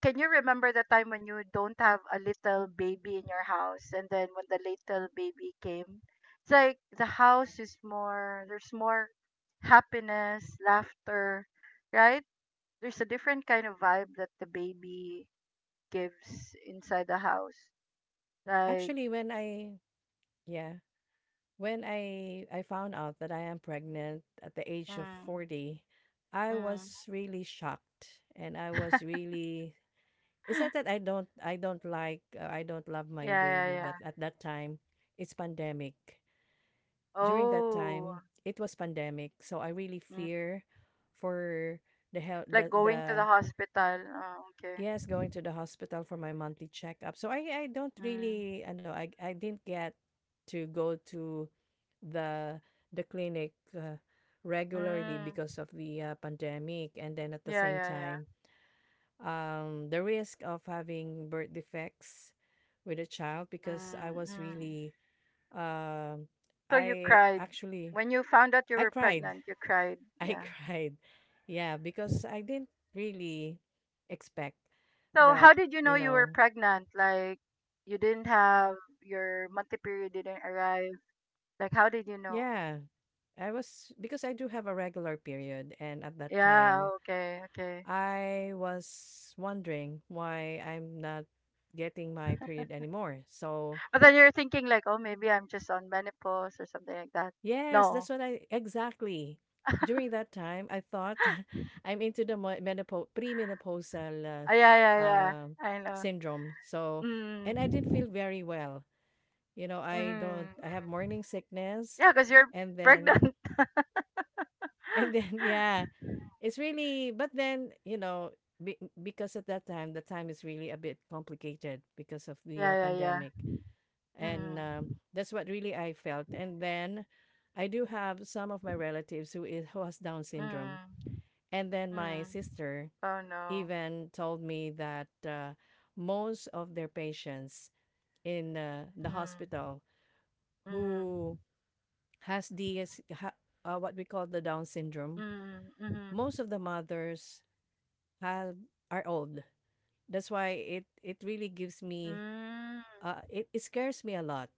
A: can you remember the time when you don't have a little baby in your house, and then when the little baby came? It's like the house is more, there's more happiness, laughter, right? There's a different kind of vibe that the baby gives inside the house. Like,
B: actually, when I, yeah, when I found out that I am pregnant at the age of
A: mm.
B: 40, I
A: Mm.
B: was really shocked and I was really, it's not that I don't like I don't love my
A: Yeah, yeah,
B: baby, but
A: yeah.
B: at that time it's pandemic. During that
A: Oh.
B: time, it was pandemic, so I really
A: Mm.
B: fear for
A: Like, going to the
B: the.
A: hospital. Oh, okay.
B: Yes, going to the hospital for my monthly checkup. So I don't
A: Mm.
B: really I know I didn't get to go to the the clinic regularly
A: Mm.
B: because of the pandemic, and then at the
A: Yeah,
B: same
A: yeah, yeah.
B: time the risk of having birth defects with a child, because I
A: Mm.
B: was
A: Mm.
B: really um
A: So you
B: I
A: cried
B: actually
A: when you found out you
B: I
A: were
B: cried.
A: pregnant. You cried.
B: I
A: Yeah.
B: cried. Yeah, because I didn't really expect
A: So
B: that,
A: how did you
B: you
A: know you were
B: know.
A: pregnant? Like, you didn't have your monthly period didn't arrive. Like, how did you know?
B: Yeah, I was, because I do have a regular period, and at that
A: Yeah.
B: time,
A: Okay. Okay.
B: I was wondering why I'm not getting my period anymore. So,
A: But then you're thinking like, oh, maybe I'm just on menopause or something like that.
B: yes,
A: No.
B: that's what I exactly. During that time, I thought I'm into the menopause, premenopausal
A: Ah, yeah, yeah,
B: uh,
A: yeah.
B: um
A: I know.
B: syndrome. So, and I didn't
A: Mm.
B: feel very well. You know,
A: Mm.
B: I don't,
A: Mm.
B: I have
A: Mm.
B: morning sickness,
A: Yeah, because you're
B: and then,
A: pregnant.
B: and then, yeah. It's really, but then, you know, be, because at that time, the time is really a bit complicated because of the
A: Yeah, yeah, yeah.
B: pandemic. And
A: Mm.
B: that's what really I felt. And then I do have some of my relatives who is who has Down syndrome.
A: Mm.
B: And then my
A: Mm.
B: sister
A: Oh no.
B: even told me that most of their patients in the
A: Mm.
B: hospital
A: Mm.
B: who has the what we call the Down syndrome,
A: Mm. Mm.
B: most of the mothers have are old. That's why it really gives me
A: Mm.
B: it scares me a lot,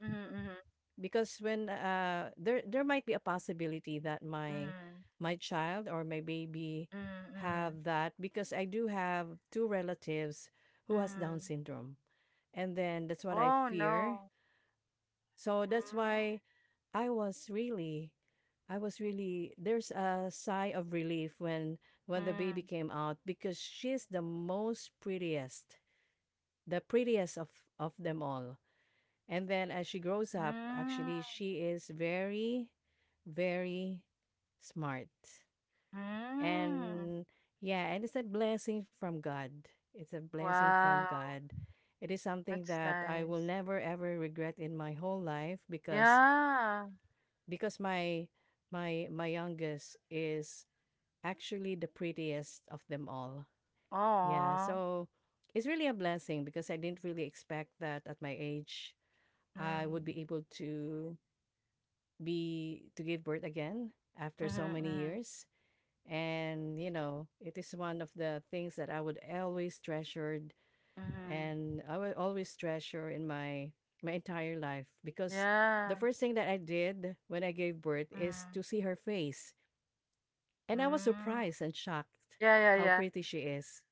A: Mm. Mm.
B: because when there might be a possibility that
A: Mm.
B: my child or my baby
A: Mm. Mm.
B: have that, because I do have two relatives who has Down
A: Mm.
B: syndrome. And then that's what I
A: Oh
B: fear.
A: no.
B: So that's
A: Mm.
B: why I was really I was really, there's a sigh of relief when the baby
A: Mm.
B: came out, because she's the prettiest of them all. And then as she grows up,
A: Mm.
B: actually, she is very, very smart.
A: Mm.
B: And yeah, and it's a blessing from God. It's a blessing from
A: Wow.
B: God. It is something
A: That's
B: that I will
A: nice.
B: never ever regret in my whole life, because
A: Yeah.
B: because my my youngest is actually the prettiest of them all. Yeah,
A: Oh.
B: so it's really a blessing, because I didn't really expect that at my age I
A: Mm.
B: would be able to be to give birth again after
A: Mm.
B: so many
A: Mm.
B: years. And you know, it is one of the things that I would always treasured
A: Mm.
B: and I would always treasure in my my entire life, because the
A: Yeah.
B: first thing that I did when I gave birth is
A: Mm.
B: to see her face. And I was
A: Mm.
B: surprised and shocked
A: Yeah, yeah,
B: how
A: yeah.
B: pretty she is.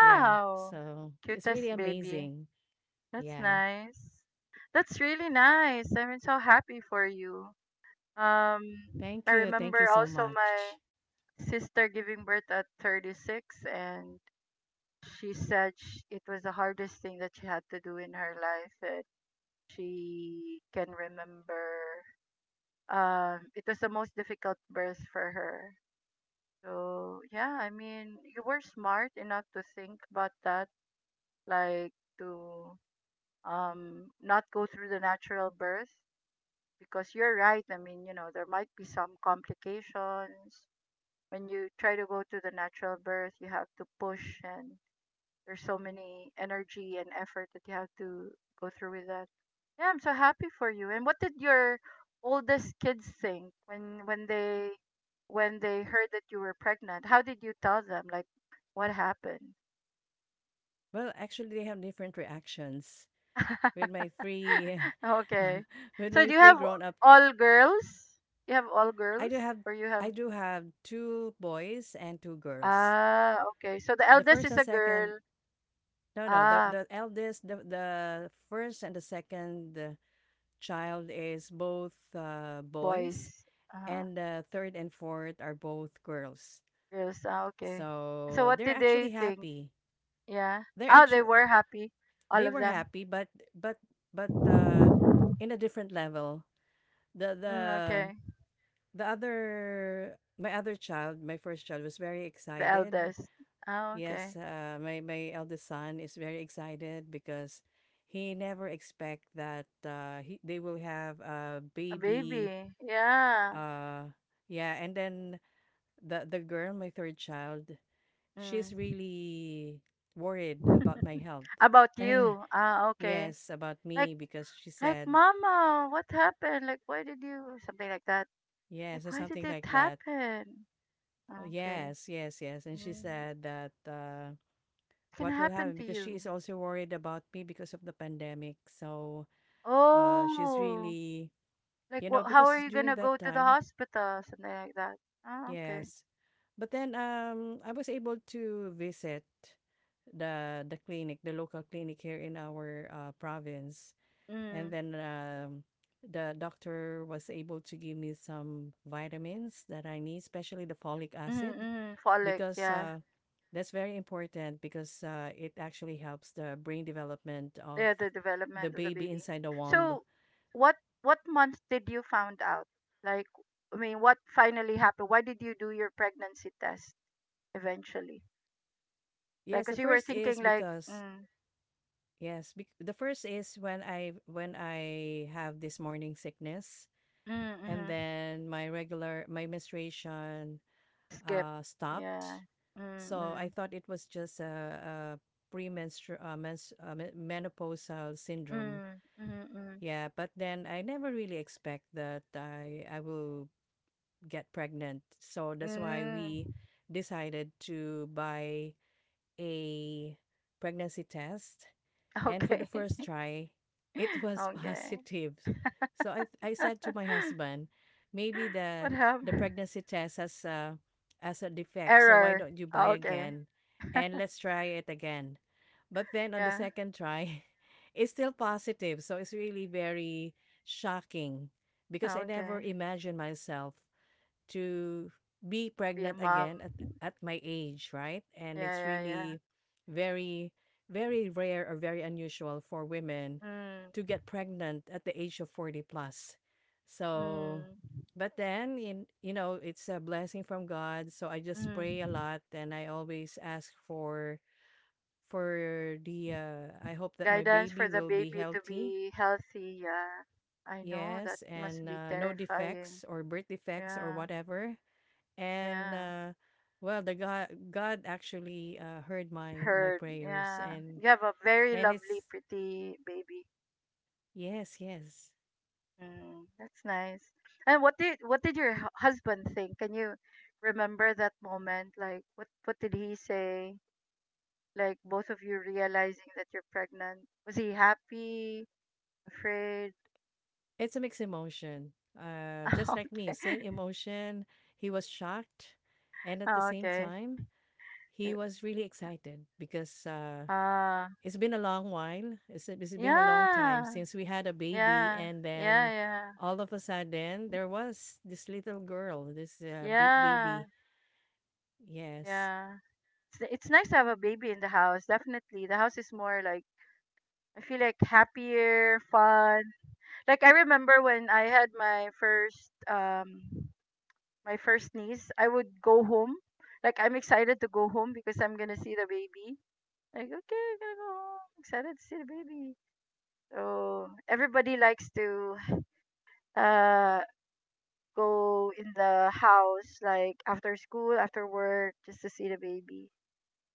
B: Yeah. So it's really
A: Cutest baby.
B: amazing.
A: That's
B: Yeah.
A: nice. That's really nice. I'm so happy for you. Um,
B: Thank
A: I
B: you. Thank
A: remember
B: you so
A: also
B: much.
A: my sister giving birth at 36, and she said sh it was the hardest thing that she had to do in her life, and she can remember, it was the most difficult birth for her. So yeah, I mean, you were smart enough to think about that, like to not go through the natural birth, because you're right. I mean, there might be some complications when you try to go to the natural birth. You have to push, and there's so many energy and effort that you have to go through with that. Yeah, I'm so happy for you. And what did your oldest kids think when they when they heard that you were pregnant? How did you tell them? Like what happened?
B: Well, actually, they have different reactions. With my three
A: Okay.
B: with
A: So
B: my
A: do you
B: three
A: have
B: grown up ki-
A: all girls? You have all
B: i
A: girls
B: do have
A: or you have
B: I do have two boys and two girls.
A: Ah, okay. So the
B: The
A: eldest
B: first
A: is
B: and
A: a
B: second
A: girl.
B: no no the,
A: Ah,
B: the eldest The first and the second child is both boys,
A: boys. Uh,
B: and the third and fourth are both girls.
A: girls. Ah, okay. So
B: So
A: what
B: they're
A: did they
B: actually
A: think?
B: happy.
A: Yeah.
B: they're
A: Oh, they
B: actually
A: were happy, all
B: they
A: of
B: were
A: them.
B: happy, but but but uh in a different level. the the
A: Mm, okay.
B: The other, my other child, my first child, was very
A: The
B: excited.
A: eldest. Oh,
B: Yes,
A: okay.
B: my eldest son is very excited because he never expect that they will have a
A: A
B: baby.
A: baby. Yeah.
B: Uh, yeah, and then the girl, my third child, she's
A: Mm.
B: really worried about my health.
A: About
B: And
A: you. Ah, okay.
B: yes, about
A: Like,
B: me because she
A: like,
B: said
A: mama, what happened? Like, why did you something like that? Like,
B: yes or
A: why did
B: something
A: it
B: like that.
A: happen?
B: Oh,
A: Okay.
B: yes, yes, yes, and she
A: Mm.
B: said that.
A: It can
B: What will
A: happen
B: happen,
A: to
B: because she
A: you.
B: is also worried about me because of the pandemic. So she's
A: Oh,
B: really,
A: like,
B: you know,
A: what? How
B: because
A: are you
B: during
A: gonna go
B: that
A: to the
B: time,
A: hospital? Something like that. Ah, okay.
B: yes. But then I was able to visit the clinic, the local clinic here in our province, and
A: Mm.
B: then the doctor was able to give me some vitamins that I need, especially the folic
A: Mm-hmm.
B: acid,
A: Mm-hmm. Folic.
B: because
A: Yeah.
B: that's very important because it actually helps the brain development of
A: Yeah, the
B: the
A: development of the
B: baby
A: baby.
B: inside the womb.
A: So, what what month did you found out? Like, I mean, what finally happened? Why did you do your pregnancy test eventually? Like,
B: Yes, the
A: cause you were
B: first is
A: thinking like,
B: because
A: mm,
B: the first is when I have this morning sickness,
A: mm,
B: and
A: mm
B: then my menstruation
A: skip, yeah,
B: stopped.
A: mm,
B: So I
A: mm,
B: thought it was just a, a menopausal syndrome.
A: mm, mm, mm,
B: Yeah, but then I never really expect that I will get pregnant. So that's why we
A: mm.
B: decided to buy a pregnancy test. And for
A: Okay,
B: the first try, it was
A: okay.
B: positive. So I said to my husband, maybe
A: What
B: the
A: happened?
B: pregnancy test has a defect. So why
A: Error.
B: don't you buy
A: Oh, okay,
B: again and let's try it again? But then on the
A: yeah,
B: second try, it's still positive. So it's really very shocking, because I never
A: okay.
B: imagined myself to be
A: Be a
B: pregnant
A: mom.
B: again at my age, right? And it's
A: Yeah, yeah,
B: really very, very rare or very unusual for women
A: yeah.
B: to
A: Mm,
B: get pregnant at the age of 40 plus. So
A: mm.
B: but then in you know it's a blessing from God, so I just pray a
A: Mm.
B: lot and I always ask for the I hope that my
A: Guidance for
B: baby
A: the
B: will be
A: baby to
B: healthy.
A: be healthy. Yeah. I know that
B: Yes,
A: must
B: and
A: be
B: no
A: terrifying.
B: defects or birth defects or
A: Yeah.
B: whatever. And
A: Yeah.
B: well the God actually heard my my
A: Heard.
B: prayers
A: Yeah. You have a very
B: and
A: lovely,
B: it's
A: pretty baby.
B: yes, yes.
A: Mm, that's nice. And what did your hu- husband think? Can you remember that moment? Like what did he say? Like both of you realizing that you're pregnant. Was he happy? Afraid?
B: It's a mixed emotion, just like me,
A: Okay.
B: same emotion. He was shocked, and at the same
A: Okay.
B: time he was really excited because
A: Ah.
B: it's been a long while. It's been a long time
A: Yeah,
B: since we had a baby,
A: yeah,
B: and
A: yeah,
B: then
A: yeah,
B: all of a sudden there was this little girl, this
A: yeah,
B: baby. Yes.
A: yeah. It's nice to have a baby in the house. Definitely, the house is more like I feel like happier, fun. Like I remember when I had my first niece, I would go home. Like I'm excited to go home because I'm gonna see the baby. Like okay, I'm gonna go home. Excited to see the baby. So everybody likes to uh go in the house like after school, after work, just to see the baby.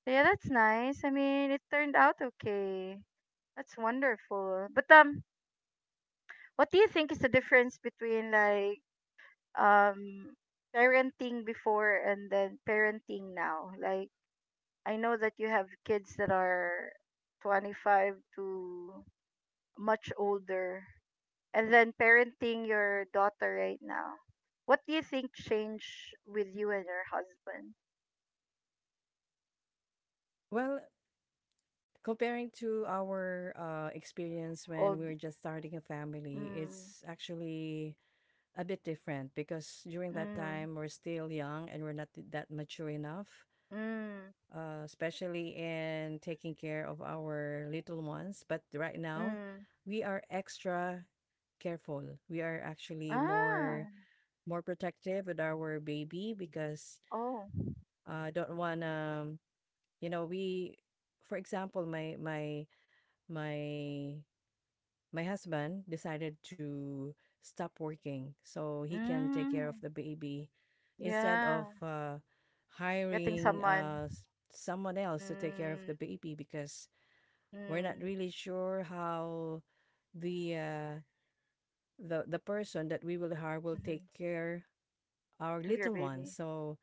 A: So yeah, that's nice. I mean, it turned out okay. That's wonderful. But what do you think is the difference between like um parenting before and then parenting now? Like I know that you have kids that are 25 to much older and then parenting your daughter right now. What do you think changed with you and your husband?
B: Well, comparing to our experience when we
A: Old
B: were just starting a family,
A: mm,
B: it's actually a bit different because during that
A: mm,
B: time we're still young and we're not that mature enough,
A: mm,
B: especially in taking care of our little ones. But right now,
A: mm.
B: we are extra careful. We are actually
A: Ah,
B: more protective with our baby because
A: oh.
B: I don't want to, you know, we, for example, my my husband decided to stop working so he can take care of
A: Mm,
B: the baby instead of
A: yeah.
B: uh,
A: Getting
B: hiring uh,
A: someone.
B: s- someone else to take care of the
A: Mm,
B: baby because we're not
A: mm,
B: really sure how the uh, the person that we will hire will
A: mm-hmm.
B: take care our
A: Of your
B: little one.
A: baby.
B: So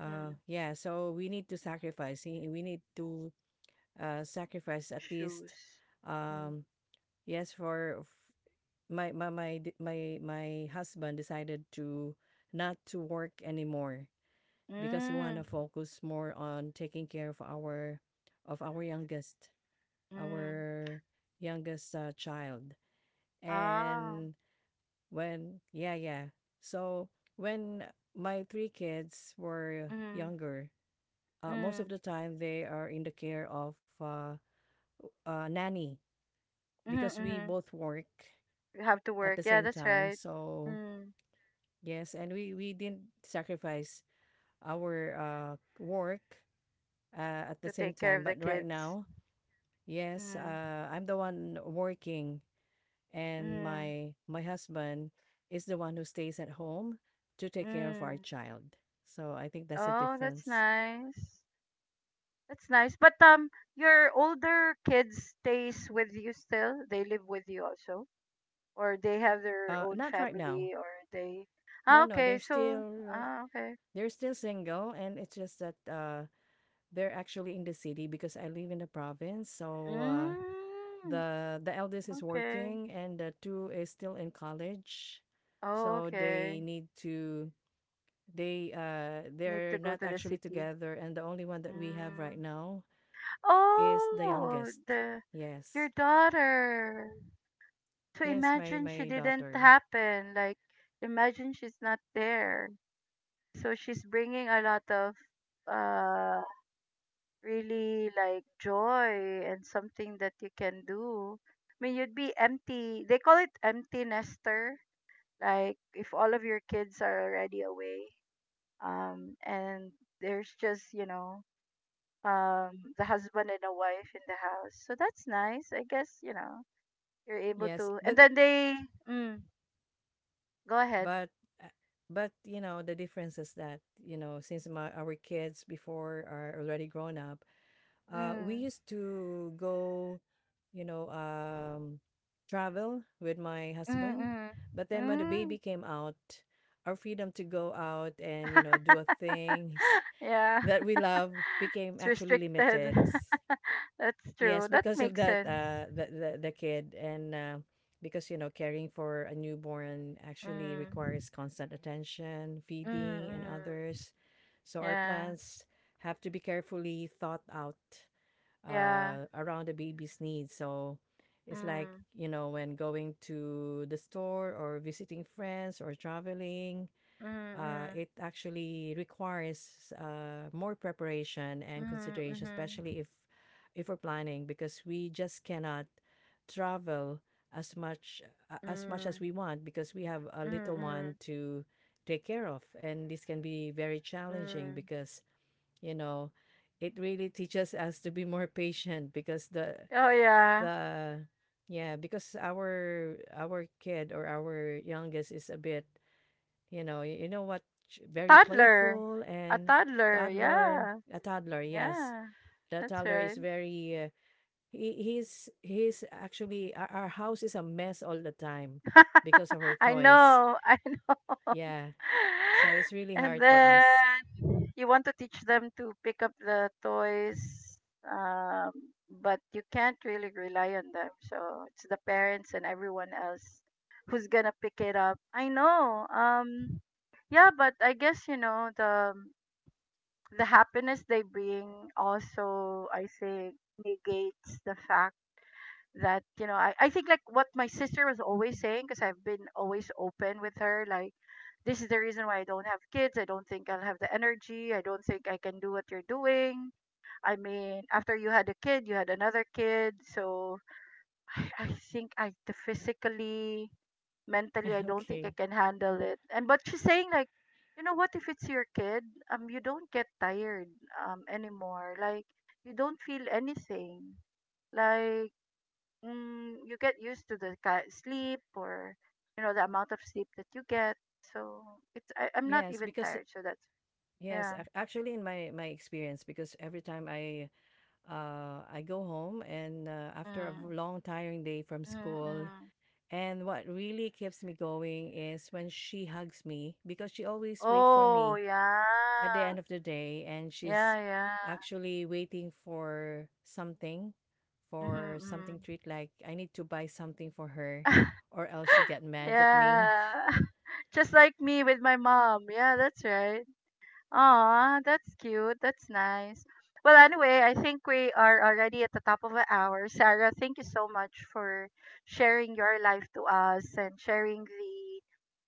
A: Mm,
B: yeah, so we need to sacrifice. We need to sacrifice at least
A: shoes. Mm,
B: um, yes. For my my my d- my husband decided to not to work anymore because he want
A: mm,
B: to focus more on taking care of our youngest,
A: mm.
B: our youngest child.
A: Ah,
B: And when yeah, yeah. So when my three kids were
A: mm,
B: younger, most of
A: mm,
B: the time they are in the care of nanny because
A: mm-hmm,
B: we
A: mm-hmm.
B: both work
A: You have to
B: at
A: work.
B: the
A: Yeah,
B: same
A: that's
B: time.
A: right.
B: So
A: Mm,
B: yes, and we didn't sacrifice our work at the
A: to
B: same
A: take care of
B: time.
A: the
B: But right
A: kids.
B: now, yes,
A: Mm,
B: I'm the one working, and
A: mm,
B: my husband is the one who stays at home to take care of our
A: mm.
B: child. So I think that's a
A: Oh, that's
B: difference.
A: nice. That's nice. But your older kids stays with you still? They live with you also, or they have their own
B: Not right now.
A: family, or they?
B: No,
A: Ah,
B: no,
A: okay.
B: they're
A: So
B: still
A: ah, okay.
B: single, and it's just that they're actually in the city because I live in the province. So
A: Mm,
B: the eldest is
A: okay.
B: working and the two is still in college,
A: Oh,
B: so they
A: okay.
B: need to they uh
A: Need
B: they're
A: to go
B: not
A: to the
B: actually
A: city.
B: together, and the only one that we have right
A: Mm.
B: now is the
A: Oh,
B: youngest.
A: the
B: Yes,
A: your daughter. So
B: yes,
A: imagine she
B: my
A: didn't
B: daughter,
A: happen. Like imagine she's not there. So she's bringing a lot of uh really like joy and something that you can do. I mean, you'd be empty. They call it empty nester. Like if all of your kids are already away, and there's just you know, the husband and a wife in the house. So that's nice. I guess you know you're able
B: yes.
A: to.
B: But
A: And then they, mm, go ahead.
B: but uh, but you know the difference is that, you know, since our kids before are already grown up, we
A: Mm,
B: used to go, you know, travel with my
A: mm,
B: husband.
A: mm,
B: But then when the baby
A: mm.
B: came out, our freedom to go out and, you know, do a things
A: Yeah,
B: that we love became
A: it's
B: actually
A: restricted.
B: limited.
A: That's
B: Yes,
A: true. That
B: because of
A: makes
B: that,
A: sense.
B: the kid. And because, you know, caring for a newborn actually
A: Mm.
B: requires constant attention,
A: Mm,
B: feeding, and
A: mm.
B: others. So our
A: Yeah.
B: plans have to be carefully thought out
A: Yeah.
B: around the baby's needs. So it's like,
A: Mm.
B: you know, when going to the store or visiting friends or traveling,
A: Mm, mm.
B: it actually requires more preparation and
A: Mm,
B: consideration,
A: mhm.
B: especially if we're planning, because we just cannot travel as much as much as
A: Mm.
B: we want because we have a
A: Mm,
B: little one
A: mm.
B: to take care of. And this can be very challenging
A: Mm.
B: because, you know, it really teaches us to be more patient because
A: Oh yeah.
B: the yeah because our kid or our youngest is a bit, you know. You know what?
A: A
B: Very
A: toddler.
B: playful
A: A
B: and
A: toddler. Yeah.
B: toddler, yes.
A: Yeah.
B: The
A: That's
B: toddler
A: right.
B: is very he's actually, our house is a mess all the time because of her
A: I
B: toys.
A: know. I know.
B: Yeah. So it's really
A: And
B: hard for us.
A: then you want to teach them to pick up the toys, um, but you can't really rely on them. So it's the parents and everyone else who's gonna pick it up. I know. Yeah, but I guess you know the happiness they bring also. I think negates the fact that you know I think like what my sister was always saying because I've been always open with her like this is the reason why I don't have kids. I don't think I'll have the energy. I don't think I can do what you're doing. I mean, after you had a kid, you had another kid. So I think I the physically, mentally, I don't think I
B: Okay,
A: can handle it. And but she's saying like, you know what? If it's your kid, you don't get tired anymore. Like you don't feel anything. Like mm, you get used to the ki- sleep or you know the amount of sleep that you get so it's I'm not
B: yes,
A: even
B: because
A: tired so that's
B: yes,
A: yeah
B: actually, in my experience, because every time I go home and uh, after a
A: mm,
B: v- long tiring day from
A: mm,
B: school,
A: mm.
B: and what really keeps me going is when she hugs me, because she always wait for
A: Oh
B: me at the
A: yeah
B: end of the day, and
A: yeah
B: she's
A: yeah
B: actually waiting
A: mm-hmm,
B: for
A: mm.
B: something treat, like I need to buy something for her, or else she get mad at me.
A: Yeah just like me with my mom yeah that's right. Aw, that's cute. That's nice. Well, anyway, I think we are already at the top of an hour. Sarah, thank you so much for sharing your life to us and sharing the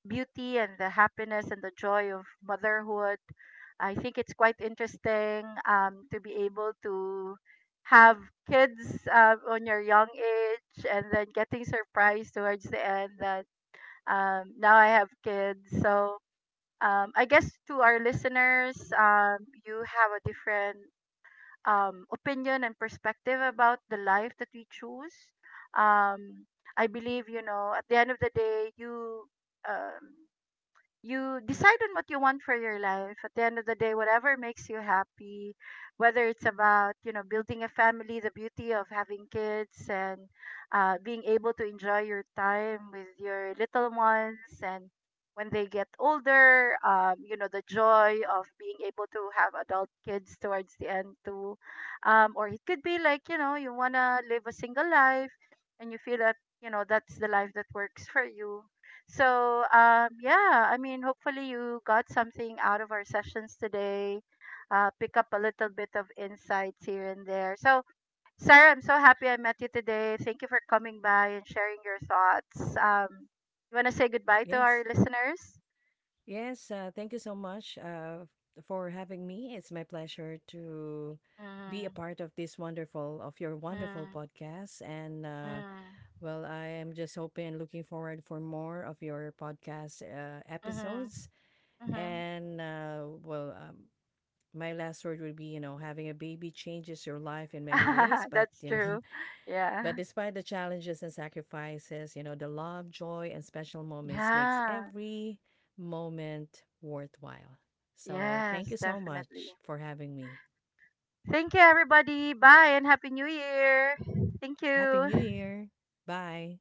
A: beauty and the happiness and the joy of motherhood. I think it's quite interesting to be able to have kids on your young age and then getting surprised towards the end that now I have kids. So, I guess to our listeners, you have a different opinion and perspective about the life that we choose. Um, I believe, you know, at the end of the day, you um, you decide on what you want for your life at the end of the day whatever makes you happy whether it's about you know building a family the beauty of having kids and being able to enjoy your time with your little ones and when they get older you know the joy of being able to have adult kids towards the end too or it could be like you know you want to live a single life and you feel that you know that's the life that works for you so, yeah, I mean, hopefully you got something out of our sessions today. Pick up a little bit of insights here and there. So, Sarah, I'm so happy I met you today. Thank you for coming by and sharing your thoughts. You want to say goodbye to our
B: Yes,
A: listeners?
B: yes, thank you so much for having me. It's my pleasure to be a
A: Mm,
B: part of this wonderful of your wonderful
A: mm,
B: podcast. And
A: mm,
B: I am just hoping and looking forward for more of your podcast
A: mm,
B: episodes.
A: mm.
B: And my last word would be, you know, having a baby changes your life in many ways, but
A: That's
B: you know
A: true. Yeah.
B: but despite the challenges and sacrifices, you know, the love, joy, and special moments makes
A: Yeah.
B: every moment worthwhile. So thank
A: Yes,
B: you so
A: definitely.
B: much for having me.
A: Thank you, everybody. Bye and Happy New Year. Thank
B: Happy New
A: you.
B: Year. Bye.